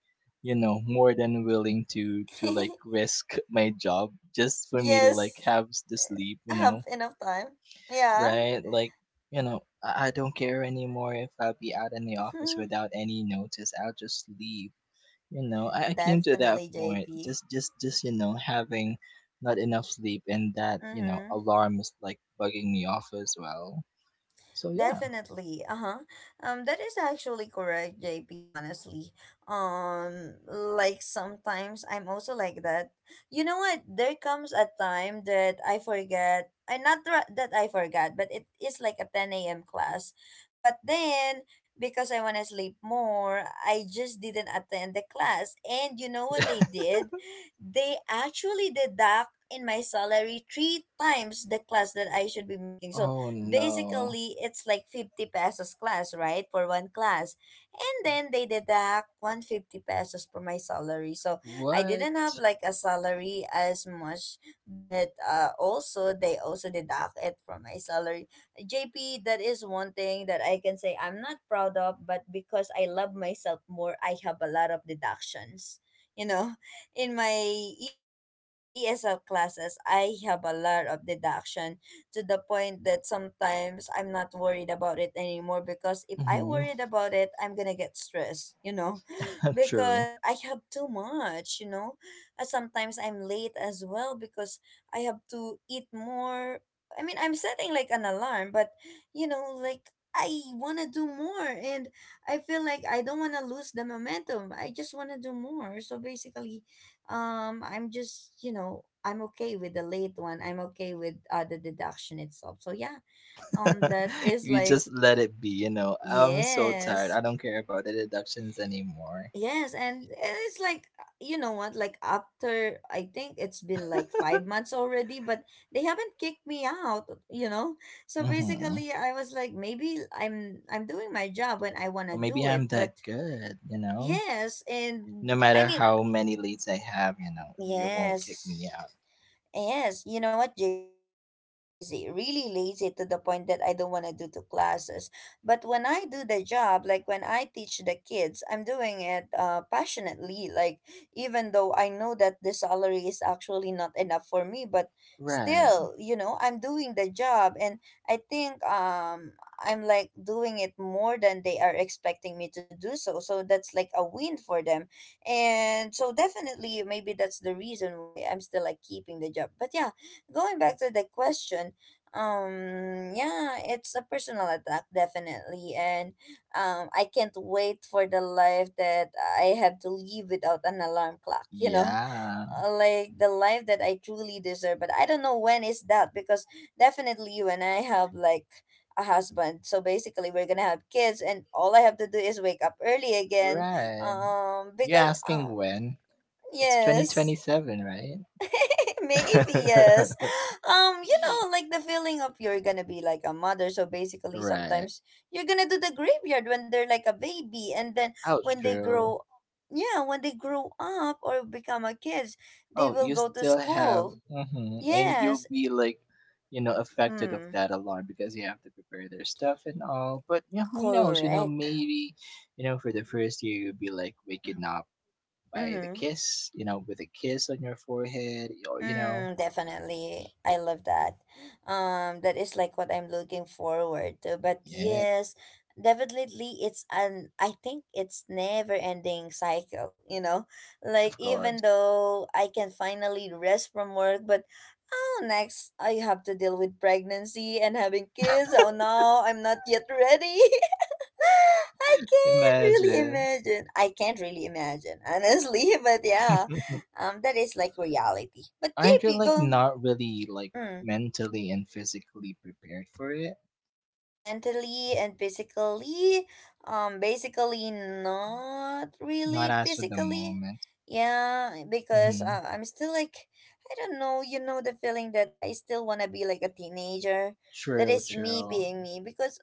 you know, more than willing to to like risk my job just for me to like
yes,
have the sleep.
I
You
have
know,
enough time. Yeah,
right? Like, you know, I, I don't care anymore if I'll be out in the office without any notice. I'll just leave. You know, I, I came to that
definitely,
point.
J P.
Just just just, you know, having not enough sleep and that, you know,
Mm-hmm.
alarm is like bugging me off as well. So yeah.
Definitely. Uh-huh. Um, that is actually correct, J P, honestly. Um, like sometimes I'm also like that. You know what? There comes a time that I forget. I not ra- That I forgot, but it is like a ten a m class. But then because I want to sleep more, I just didn't attend the class. And you know what they did? They actually deduct in my salary three times the class that I should be making. So
Oh no.
basically, it's like fifty pesos class, right? For one class. And then they deduct one hundred fifty pesos for my salary. So I
What?
didn't have like a salary as much, but uh, also they also deduct it from my salary. J P, that is one thing that I can say I'm not proud of, but because I love myself more, I have a lot of deductions. You know, in my E S cla- E S L classes, I have a lot of deduction to the point that sometimes I'm not worried about it anymore because if I
Hmm
worried about it, I'm gonna get stressed, you know,
True.
because I have too much, you know. Uh, Sometimes I'm late as well because I have to eat more. I mean, I'm setting like an alarm, but you know, like I want to do more and I feel like I don't want to lose the momentum. I just want to do more. So basically, um I'm just, you know, I'm okay with the late one, I'm okay with uh, the deduction itself. So yeah, um that is
You
like
just let it be, you know. I'm so tired. I
yes.
don't care about the deductions anymore.
Yes, and it's like, uh, you know what, like after, I think, it's been like five months already, but they haven't kicked me out, you know. So
Mm-hmm.
basically I was like maybe I'm, i'm doing my job when I want to
Maybe
do it,
I'm that
but
good, you know?
yes. And
No
I
matter
mean,
how many leads I have, you know, you won't kick
yes.
me out.
Yes, you know what, J P? I can be lazy, really lazy, to the point that I don't want to do the classes. But when I do the job, like when I teach the kids, I'm doing it uh, passionately. Like even though I know that the salary is actually not enough for me, but
Right.
still, you know, I'm doing the job. And I think, um, I'm like doing it more than they are expecting me to do so. So that's like a win for them. And so definitely maybe that's the reason why I'm still like keeping the job. But yeah, going back to the question, um yeah, it's a personal attack, definitely. And um I can't wait for the life that I have to live without an alarm clock, you know.
Yeah.
uh, like the life that I truly deserve. But I don't know when is that, because definitely when I have like a husband, so basically we're gonna have kids, and all I have to do is wake up early again.
Right.
Um,
You're
because
asking
um,
when? It's
yes.
twenty twenty-seven, right?
Maybe yes. Um, you know, like the feeling of you're gonna be like a mother. So basically,
Right.
sometimes you're gonna do the graveyard when they're like a baby, and then
Oh,
when they
true.
grow, yeah, when they grow up or become a kids, they
Oh,
will
you
go to
still have,
school.
hmm and
Yes.
you'll be like, you know, affected of
Mm.
that alarm because you have to prepare their stuff and all. But you know, who knows? You know,
Correct.
maybe, you know, for the first year you'll be like waking up by the
Mm-hmm.
kiss, you know, with a kiss on your forehead, or you know,
Mm, definitely. I love that. Um, that is like what I'm looking forward to. But
yeah,
yes, definitely, it's an I think it's never ending cycle, you know? Like
of
even
course.
though I can finally rest from work, but oh, next I have to deal with pregnancy and having kids. Oh no, I'm not yet ready. I can't really
Imagine.
imagine. I can't really imagine, honestly. But yeah, um, that is like reality. But
Aren't you
J P,
like
go
not really like
mm,
mentally and physically prepared for it?
mentally and physically. Um, basically not really
Not as for the
physically.
moment.
Yeah, because
Mm-hmm.
uh, I'm still like I don't know. You know the feeling that I still wanna be like a teenager. That
True,
is me
true.
being me because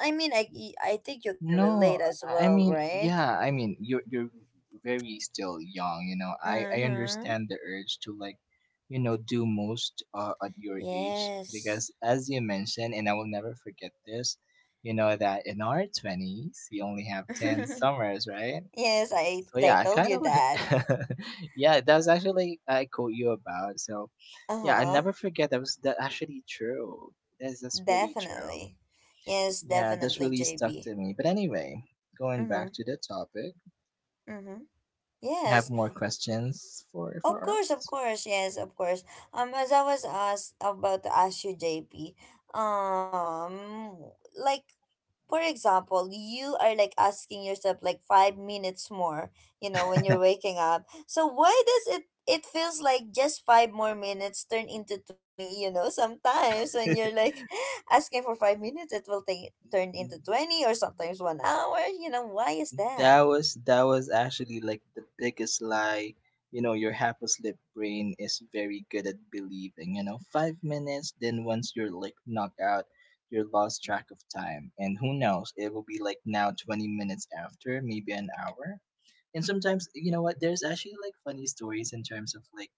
um, I mean, I I think you can relate
No,
as
I I
well,
mean,
right?
yeah, I mean, you're you're very still young, you know. I I
Mm-hmm.
understand the urge to like, you know, do most uh, at your age
Yes.
because as you mentioned, and I will never forget this, you know that in our twenties we only have ten summers, right?
Yes, I
So yeah,
I
I
told
kind
you
of
that.
yeah, that was actually like, I quote you about. So yeah, I
Uh-huh.
never forget that was that actually true. That's that's really true.
Definitely. Yes,
Yeah, that's
definitely,
really stuck
J B.
to me. But anyway, going
Mm-hmm.
back to the topic,
Mm-hmm.
you have
Yes.
more questions for
Of
for
course, of
us?
course, yes, of course. Um, as I was asked about to ask you, J P, um, like for example, you are like asking yourself like five minutes more, you know, when you're waking up. So why does it it feels like just five more minutes turn into twenty, you know, sometimes when you're like asking for five minutes it will take turn into twenty or sometimes one hour, you know, why is that?
That was that was actually like the biggest lie. You know, your half asleep brain is very good at believing. You know, five minutes. Then once you're like knocked out, you're lost track of time. And who knows? It will be like now twenty minutes after, maybe an hour. And sometimes, you know what? There's actually like funny stories in terms of like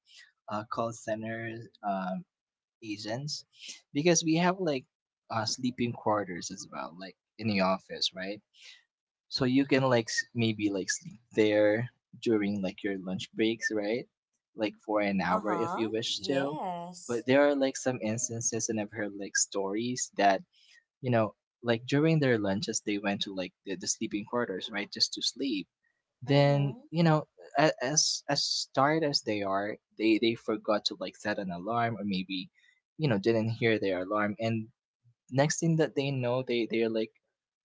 uh, call center um, agents because we have like uh, sleeping quarters as well, like in the office, right? So you can like s- maybe like sleep there during like your lunch breaks, right? Like for an hour if
Uh-huh.
you wish to. But
Yes.
there are like some instances and I've heard like stories that, you know, like during their lunches they went to like the, the sleeping quarters, right? Just to sleep. Then,
Mm-hmm.
you know, a- as as tired as they are, they they forgot to like set an alarm or maybe, you know, didn't hear their alarm, and next thing that they know they they're like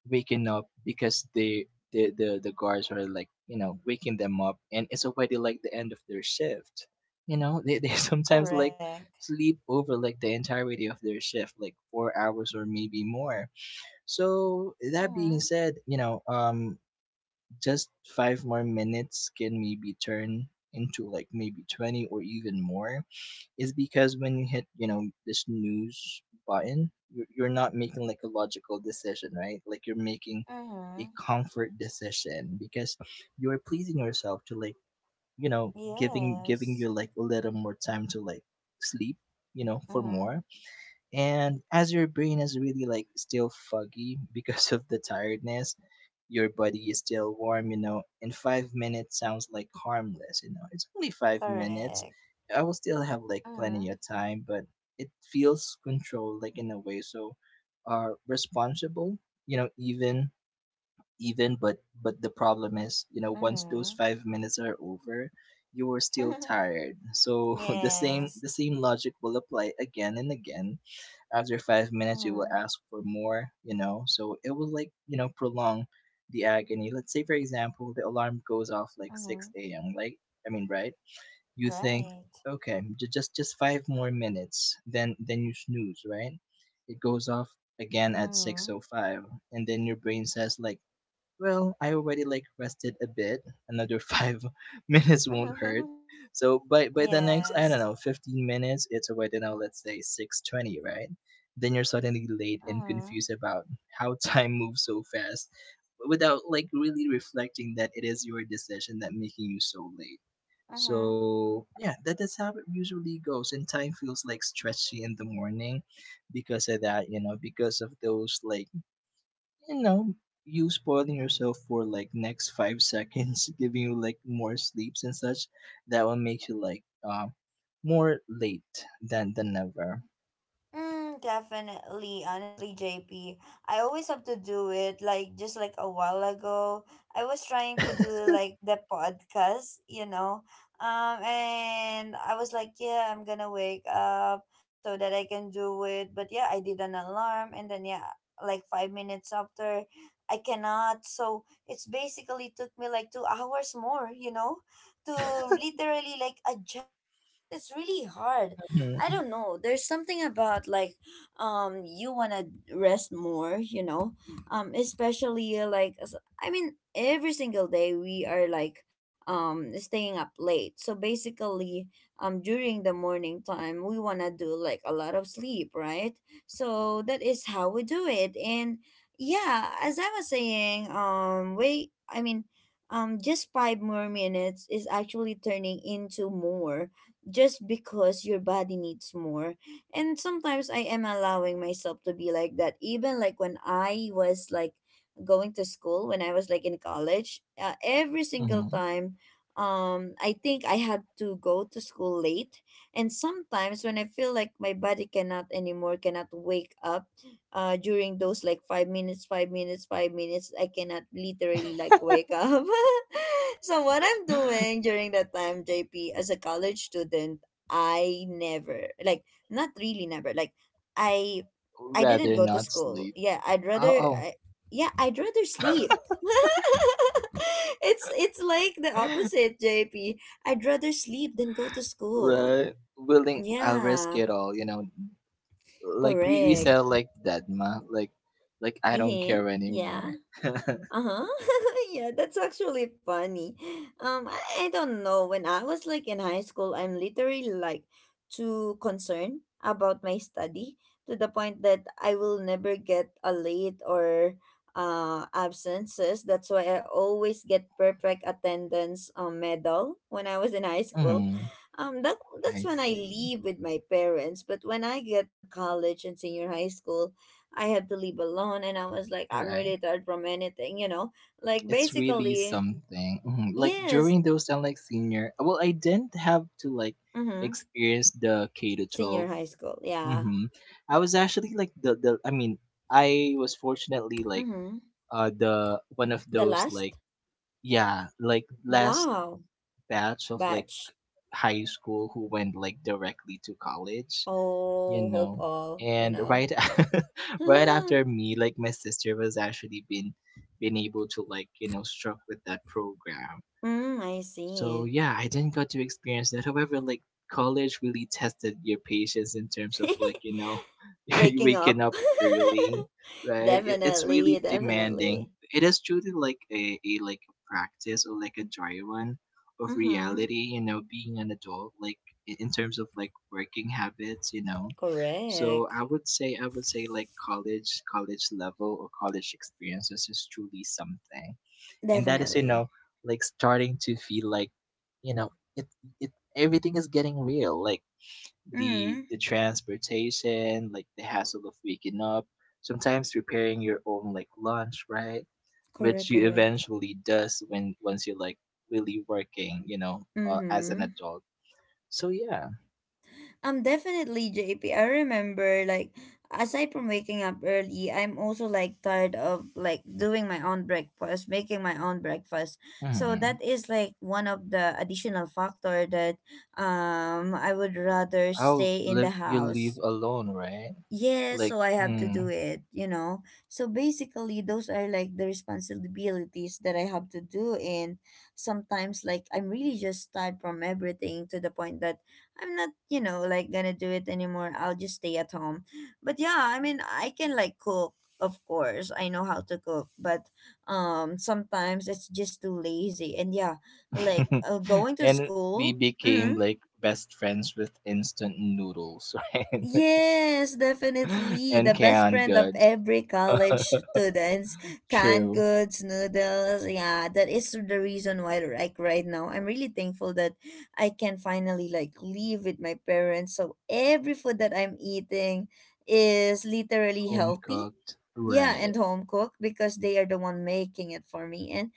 waking up because they the, the the guards are like you know waking them up, and it's already like the end of their shift, you know. They, they sometimes like
Correct.
sleep over like the entirety of their shift, like four hours or maybe more. So that being
Mm-hmm.
said, you know, um, just five more minutes can maybe turn into like maybe twenty or even more is because when you hit, you know, this news button, you're, you're not making like a logical decision, right? Like you're making a
Mm-hmm.
comfort decision because you're pleasing yourself to like, you know, giving giving you
Yes.
like a little more time to like sleep, you know, for
Mm-hmm.
more. And as your brain is really like still foggy because of the tiredness, your body is still warm, you know, and five minutes sounds like harmless, you know. It's only five minutes.
Correct.
I will still have like plenty
Mm-hmm.
of time, but it feels controlled like in a way. So are responsible, you know, even even but but the problem is, you know, once those
Mm-hmm.
five minutes are over, you are still tired. So the same
Yes.
the same logic will apply again and again. After five minutes, you
Mm-hmm.
will ask for more, you know. So it will like, you know, prolong the agony. Let's say, for example, the alarm goes off like
Mm-hmm.
six a m. Like, I mean, right? You think,
Right.
okay, j- just just five more minutes. Then then you snooze, right? It goes off again at
Mm-hmm.
six oh five, and then your brain says like, well, I already like rested a bit. Another five minutes won't hurt.
Mm-hmm.
So by by the next, I don't
Yes.
know, fifteen minutes, it's already now let's say six twenty, right? Then you're suddenly late and
Mm-hmm.
confused about how time moves so fast, without like really reflecting that it is your decision that making you so late.
Mm-hmm.
So yeah, that, that's how it usually goes, and time feels like stretchy in the morning because of that, you know, because of those like, you know, you spoiling yourself for like next five seconds, giving you like more sleeps and such, that will make you like uh, more late than than ever.
Mm, definitely. Honestly, J P. I always have to do it. Like just like a while ago, I was trying to do like the podcast, you know. Um, and I was like, yeah, I'm gonna wake up so that I can do it. But yeah, I did an alarm, and then, yeah, like five minutes after, I cannot. So it's basically took me like two hours more, you know, to literally like adjust, because it's really hard. I
Mhm,
don't know. There's something about like um you want to rest more, you know. Um especially, uh, like as- I mean, every single day we are like um staying up late. So basically um during the morning time we want to do like a lot of sleep, right? So that is how we do it. And yeah, as I was saying, um wait, I mean, um just five more minutes is actually turning into more just because your body needs more. And sometimes I am allowing myself to be like that. Even like when I was like going to school, when I was like in college, uh, every single
mhm.
time um I think I had to go to school late. And sometimes when I feel like my body cannot anymore, cannot wake up uh during those like five minutes, five minutes, five minutes, I cannot literally like wake up. So what I'm doing during that time, J P, as a college student, I never like, not really never like, I I didn't
Rather
go to
not
school.
sleep.
Yeah, I'd rather
Oh,
I yeah I'd rather sleep. it's it's like the
oh,
opposite, J P. I'd rather sleep than go to school.
right. Willing, I'll risk
Yeah,
it all. You know, like we we said
correct.
like that, ma. Like, like I don't
Mm-hmm.
care anymore.
Yeah. Uh-huh. Yeah, that's actually funny. Um, I, I don't know. When I was like in high school, I'm literally like too concerned about my study to the point that I will never get a late or uh absences. That's why I always get perfect attendance um medal when I was in high school.
Mhm,
Um that that's
I
when I
see.
leave with my parents, but when I get to college and senior high school, I have to leave alone. And I was like, I'm
Right.
really tired from anything, you know? Like,
It's really
basically,
something. Mhm. Like
yes.
during those time, like senior, well, I didn't have to like
Mm-hmm.
experience the K to twelve.
Senior high school. Yeah.
Mm-hmm. I was actually like the the. I mean, I was fortunately like
Mm-hmm.
uh the one of
The
those like
last?
yeah like last
Wow.
batch of like
Batch.
high school who went like directly to college, you
Oh, hope
know.
all, you
And
know?
right a- right
Mm,
after me, like my sister was actually been been able to like you know struck with that program.
I
So
see.
yeah, I didn't got to experience that. However, like college really tested your patience in terms of like, you know, you
Waking
waking
up.
up early, right? It, it's
Definitely.
really demanding.
Definitely.
It is truly like a, a like a practice or like a dry one of
Mm-hmm.
reality. You know, being an adult, like i- in terms of like working habits. You know, so
Correct.
I would say I would say like college college level or college experiences is truly something, and that is you
Definitely.
know like starting to feel like, you know, it it everything is getting real, like
Mm-hmm.
the the transportation, like the hassle of waking up, sometimes preparing your own like lunch, right?
Correct,
Which you
correct.
eventually does when once you're like really working, you know, uh, as an
Mm-hmm.
adult. So yeah.
Um, definitely, J P. I remember, like, aside from waking up early, I'm also like tired of like doing my own breakfast, making my own breakfast. So
hmm.
that is like one of the additional factor that um I would rather
I'll
stay in
live
the
you live
house.
alone right
Yes,
like
so I have to
mm,
do it, you know. So basically, those are like the responsibilities that I have to do. And sometimes, like, I'm really just tired from everything to the point that I'm not, you know, like gonna do it anymore. I'll just stay at home. But yeah, I mean, I can like cook, of course. I know how to cook, but um, sometimes it's just too lazy. And yeah, like uh, going to
and
school.
we became
Mm-hmm,
like best friends with instant noodles, right?
yes, definitely.
And
The best
canned
friend of
goods.
every college students. Canned
True.
goods, noodles. Yeah, that is the reason why like right now I'm really thankful that I can finally like live with my parents. So every food that I'm eating is literally
Home
healthy.
cooked.
Yeah,
Right.
and home cooked because they are the one making it for me. And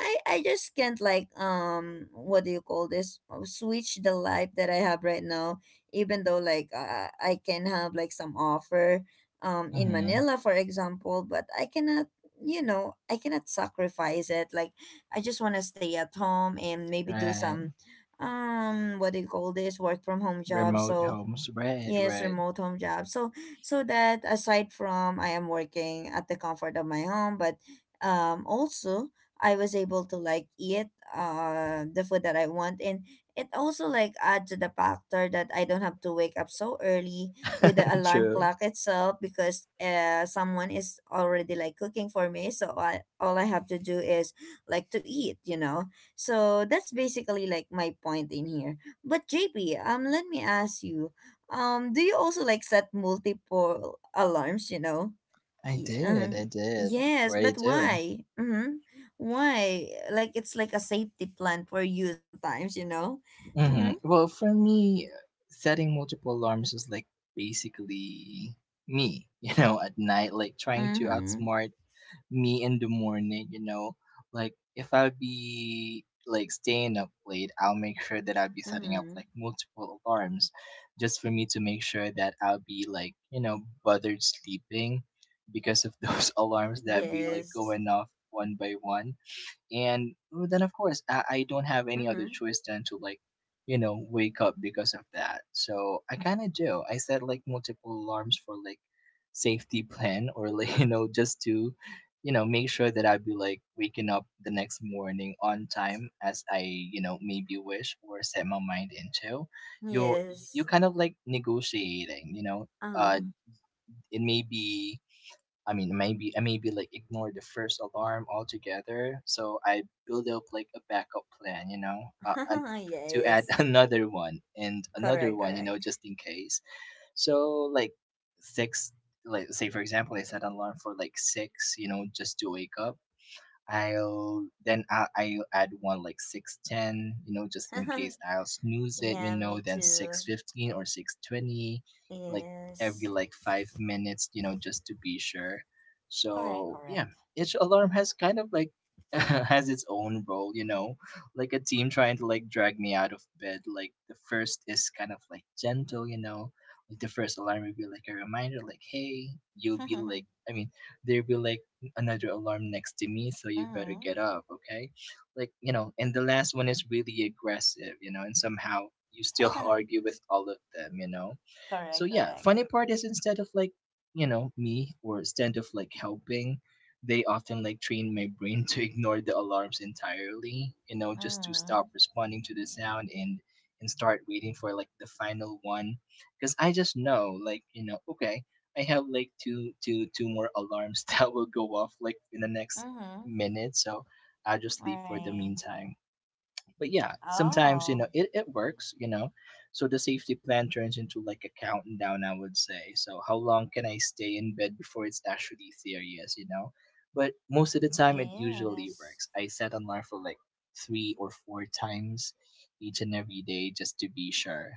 I I just can't like um what do you call this uh, switch the life that I have right now even though like uh, I can have like some offer um in
Mm-hmm.
Manila for example but I cannot you know I cannot sacrifice it like I just want to stay at home and maybe do
Right.
some um what do you call this work from home job
Remote
so
homes. Right,
yes,
right.
remote home job. So so that aside from I am working at the comfort of my home, but um also I was able to like eat uh the food that I want and it also like adds to the factor that I don't have to wake up so early with the alarm
True.
clock itself because uh someone is already like cooking for me so I all I have to do is like to eat, you know. So that's basically like my point in here. But J P, um let me ask you um, do you also like set multiple alarms, you know?
I did.
Yeah.
I did.
Yes,
Right,
but
do.
why? Mm-hmm. Why? Like it's like a safety plan for you sometimes, you know?
Hmm
Mm-hmm.
Well, for me, setting multiple alarms is like basically me, you know, at night, like trying to
Mm-hmm.
outsmart me in the morning, you know. Like if I be like staying up late, I'll make sure that I'll be setting up
Mm-hmm.
like multiple alarms just for me to make sure that I'll be like, you know, bothered sleeping because of those alarms that be like
Yes.
going off one by one. And well, then of course, I, I don't have any other
Mm-hmm.
choice than to like, you know, wake up because of that. So I kind of do. I set like multiple alarms for like safety plan or like you know, just to, you know, make sure that I'd be like waking up the next morning on time as I, you know, maybe wish or set my mind into. you you
Yes.
kind of like negotiating, you know, uh,
Uh-huh.
it may be I mean, maybe I maybe like ignore the first alarm altogether. So I build up like a backup plan, you know, uh, an, to add
Yes.
another one and another
Correct,
one, you know,
correct.
just in case. So like six, like say for example, I set an alarm for like six, you know, just to wake up. I'll then I'll, I'll add one like six ten, you know, just in case I'll snooze it, you
Yeah,
know,
me
then
too.
six fifteen or six twenty, like every
Yes.
like five minutes, you know, just to be sure.
Correct,
So, yeah,
correct.
each alarm has kind of like has its own role, you know, like a team trying to like drag me out of bed. Like the first is kind of like gentle, you know. Like the first alarm will be like a reminder like, "Hey, you'll be like I mean, they'll be like another alarm next to me, so you better
Mm-hmm.
get up, okay? Like, you know, and the last one is really aggressive, you know, and somehow you still argue with all of them, you know? So
Correct,
yeah,
correct.
funny part is instead of like, you know, me or instead of like helping, they often like train my brain to ignore the alarms entirely, you know, just to stop
Mm-hmm.
responding to the sound and and start waiting for like the final one because I just know like, you know, okay, I have like two two two more alarms that will go off like in the next
Mm-hmm.
minute, so I'll just leave for the
Right.
meantime but yeah, sometimes you
Oh,
know it, it works, you know. So the safety plan turns into like a countdown, I would say. So how long can I stay in bed before it's actually serious, you know? But most of the time, it usually
yes.
works. I set alarm for like three or four times each and every day just to be sure.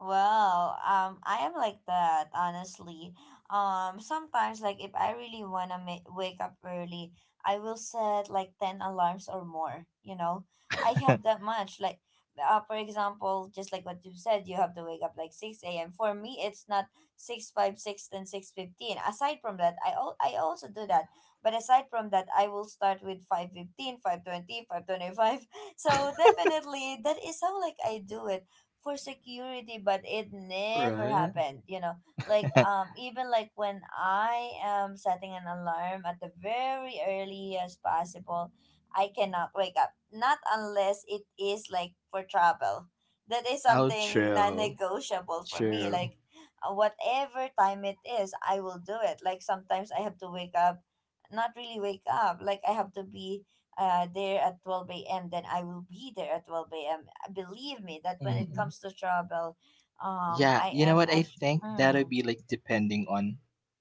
Well, um, I am like that, honestly. Um, sometimes, like, if I really wanna ma- wake up early, I will set like ten alarms or more, you know? I have that much. Like, uh, for example, just like what you said, you have to wake up like six a m. For me, it's not six, five, six, then six fifteen. Aside from that, I, al- I also do that. But aside from that, I will start with five fifteen, five twenty, five twenty five. So definitely, that is how, like, I do it for security, but it never
Right?
happened, you know. Like um even like when I am setting an alarm at the very early as possible, I cannot wake up. Not unless it is like for travel. That is
Outro.
something
True.
non-negotiable for me.
True.
Like uh, whatever time it is, I will do it. Like sometimes I have to wake up, not really wake up. Like I have to be uh, there at twelve a m, then I will be there at twelve a m. Uh, Believe me that when it
Hmm.
comes to travel, um,
Yeah,
I
you know
am
what? I
actually.
think that'll
Mm,
be like depending on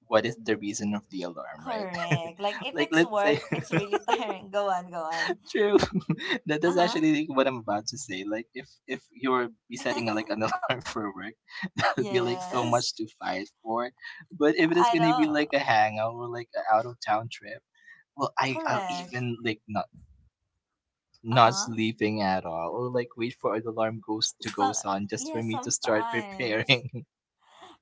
what is the reason of the alarm, right?
correct. Like if
Like,
it's
let's
work,
say.
it's really tiring. Go on, go on.
True. that that's
Uh
actually like what I'm about to say. Like if if you're be setting a, like
huh.
an alarm for work, that would be like so much
Yes,
to fight for. But if it is
I
gonna be
know.
like a hangout or like an out of town trip, well, I I'll
Correct.
even like not
Uh
not
huh.
sleeping at all or like wait for the alarm goes to
So
goes on just
yeah,
for me to start
sometimes.
preparing.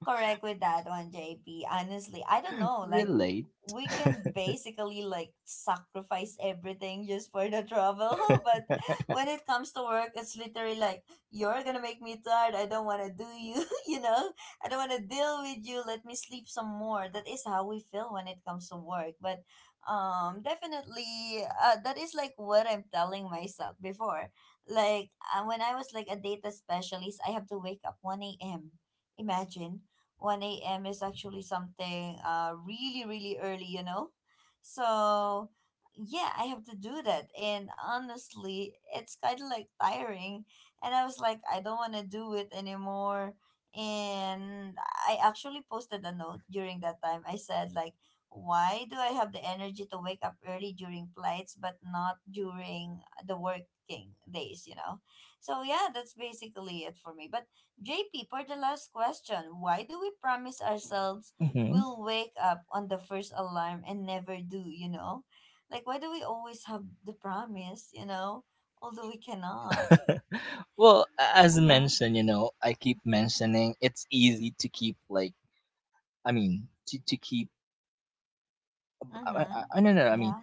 correct with that one, J P. Honestly, I don't know. Like,
Relate.
we can basically like sacrifice everything just for the travel. But when it comes to work, it's literally like you're gonna make me tired. I don't want to do you. You know, I don't want to deal with you. Let me sleep some more. That is how we feel when it comes to work. But um, definitely, uh, that is like what I'm telling myself before. Like uh, when I was like a data specialist, I have to wake up one a m. Imagine one a m is actually something uh really really early, you know. So yeah, I have to do that, and honestly, it's kind of like tiring. And I was like, I don't want to do it anymore. And I actually posted a note during that time. I said like, why do I have the energy to wake up early during flights but not during the working days? You know. So yeah, that's basically it for me. But J P, for the last question, why do we promise ourselves
Hmm.
we'll wake up on the first alarm and never do, you know? Like, why do we always have the promise, you know? Although we cannot.
Well, a- as
Mm-hmm.
mentioned, you know, I keep mentioning it's easy to keep like I mean to, to keep I, I,
Mm-hmm.
I no, no, no, I mean,
Yeah.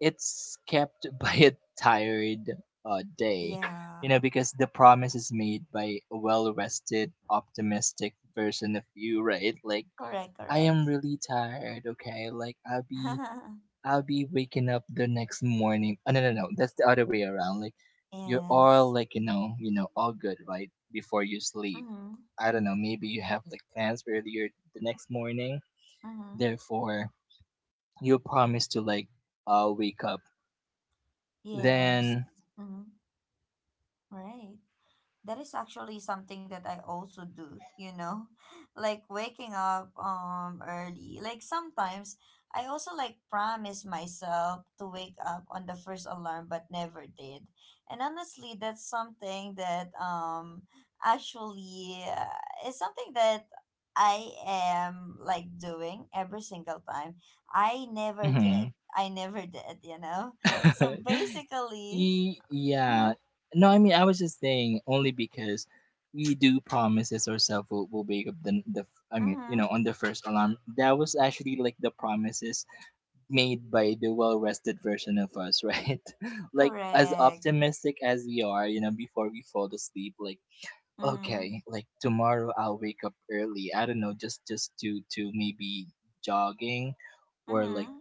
it's kept by a tired uh, day, you
Yeah.
know, because the promise is made by a well rested, optimistic version of you, right? Like,
Correct,
I
correct.
am really tired, okay? Like, I'll be. I'll be waking up the next morning. Oh, no, no, no. That's the other way around. Like, you're all
Yes.
like, you know, you know, all good, right? Before you sleep.
Mm-hmm.
I don't know. Maybe you have like plans for your the next morning.
Mm-hmm.
Therefore, you promise to like uh, wake up.
Yes.
Then,
Mm-hmm. Right. that is actually something that I also do, you know, like waking up um early. Like sometimes I also like promise myself to wake up on the first alarm but never did. And honestly, that's something that um actually uh, is something that I am like doing every single time. I never
mhm.
did. I never did, you know. So basically,
E-
mhm.
yeah. No, I mean, I was just saying only because we do promises ourselves we'll, we'll wake up the, the, I mean, you
Mm-hmm.
know, on the first alarm. That was actually like the promises made by the well rested version of us, right? Like, as
Correct.
optimistic as we are, you know, before we fall asleep, like,
Mm-hmm.
okay, like tomorrow I'll wake up early. I don't know, just, just to, to maybe jogging or like
Mm-hmm.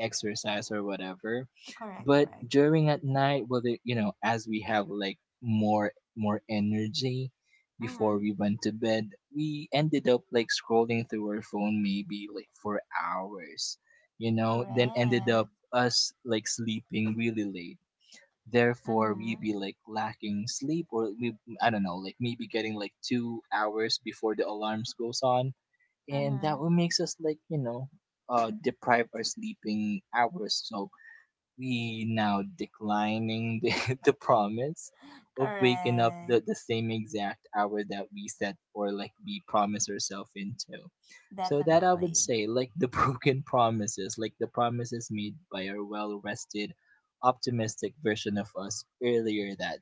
exercise or whatever
Correct,
but
correct.
during at night well they, you know as we have like more more energy before
Mm-hmm.
we went to bed we ended up like scrolling through our phone maybe like for hours you know then ended up
Correct.
us like sleeping really late therefore we
Mm-hmm.
be like lacking sleep or we I don't know like maybe getting like two hours before the alarms goes on and that
Mm-hmm.
what makes us like you know uh deprive our sleeping hours so we now declining the, the promise of waking up the,
Correct.
the same exact hour that we set or like we promise ourselves into so that I would
Definitely.
say like the broken promises like the promises made by our well rested optimistic version of us earlier that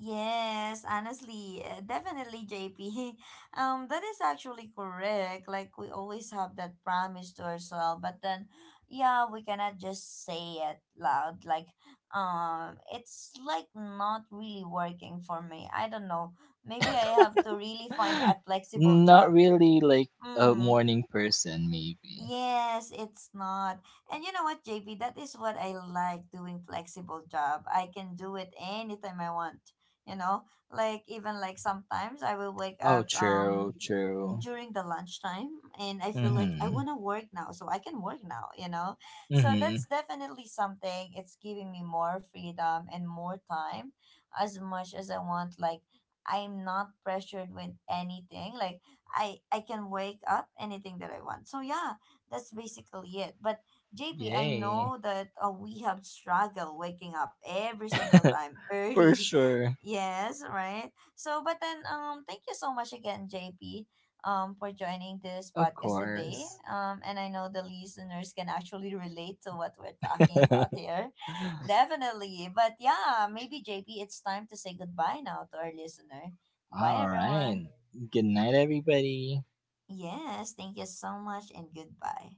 Yes, honestly, uh, definitely, J P. Um, that is actually correct. Like we always have that promise to ourselves, but then, yeah, we cannot just say it loud. Like, um, it's like not really working for me. I don't know. Maybe I have to really find
day
a flexible
not
job.
really like a
Mm.
morning person maybe.
Yes, it's not. And you know what, J P? That is what I like doing flexible job. I can do it anytime I want. You know, like even like sometimes I will wake
Oh,
up.
true,
Um,
true.
during the lunchtime, and I feel like I
Mhm.
want to work now, so I can work now you know so
Mhm.
that's definitely something. It's giving me more freedom and more time as much as I want. Like, I'm not pressured with anything. Like, i i can wake up anything that I want. So yeah, that's basically it. But JP, I
Yay.
know that uh, we have struggled waking up every single time
For
early.
sure.
Yes, right, so but then um thank you so much again, JP, um, for joining this
Of
podcast today.
course.
Um, and I know the listeners can actually relate to what we're talking about here.
All
Definitely. But yeah, maybe J P, it's time to say goodbye now to our listener. Bye, everyone.
right. Good night, everybody.
Yes, thank you so much and goodbye.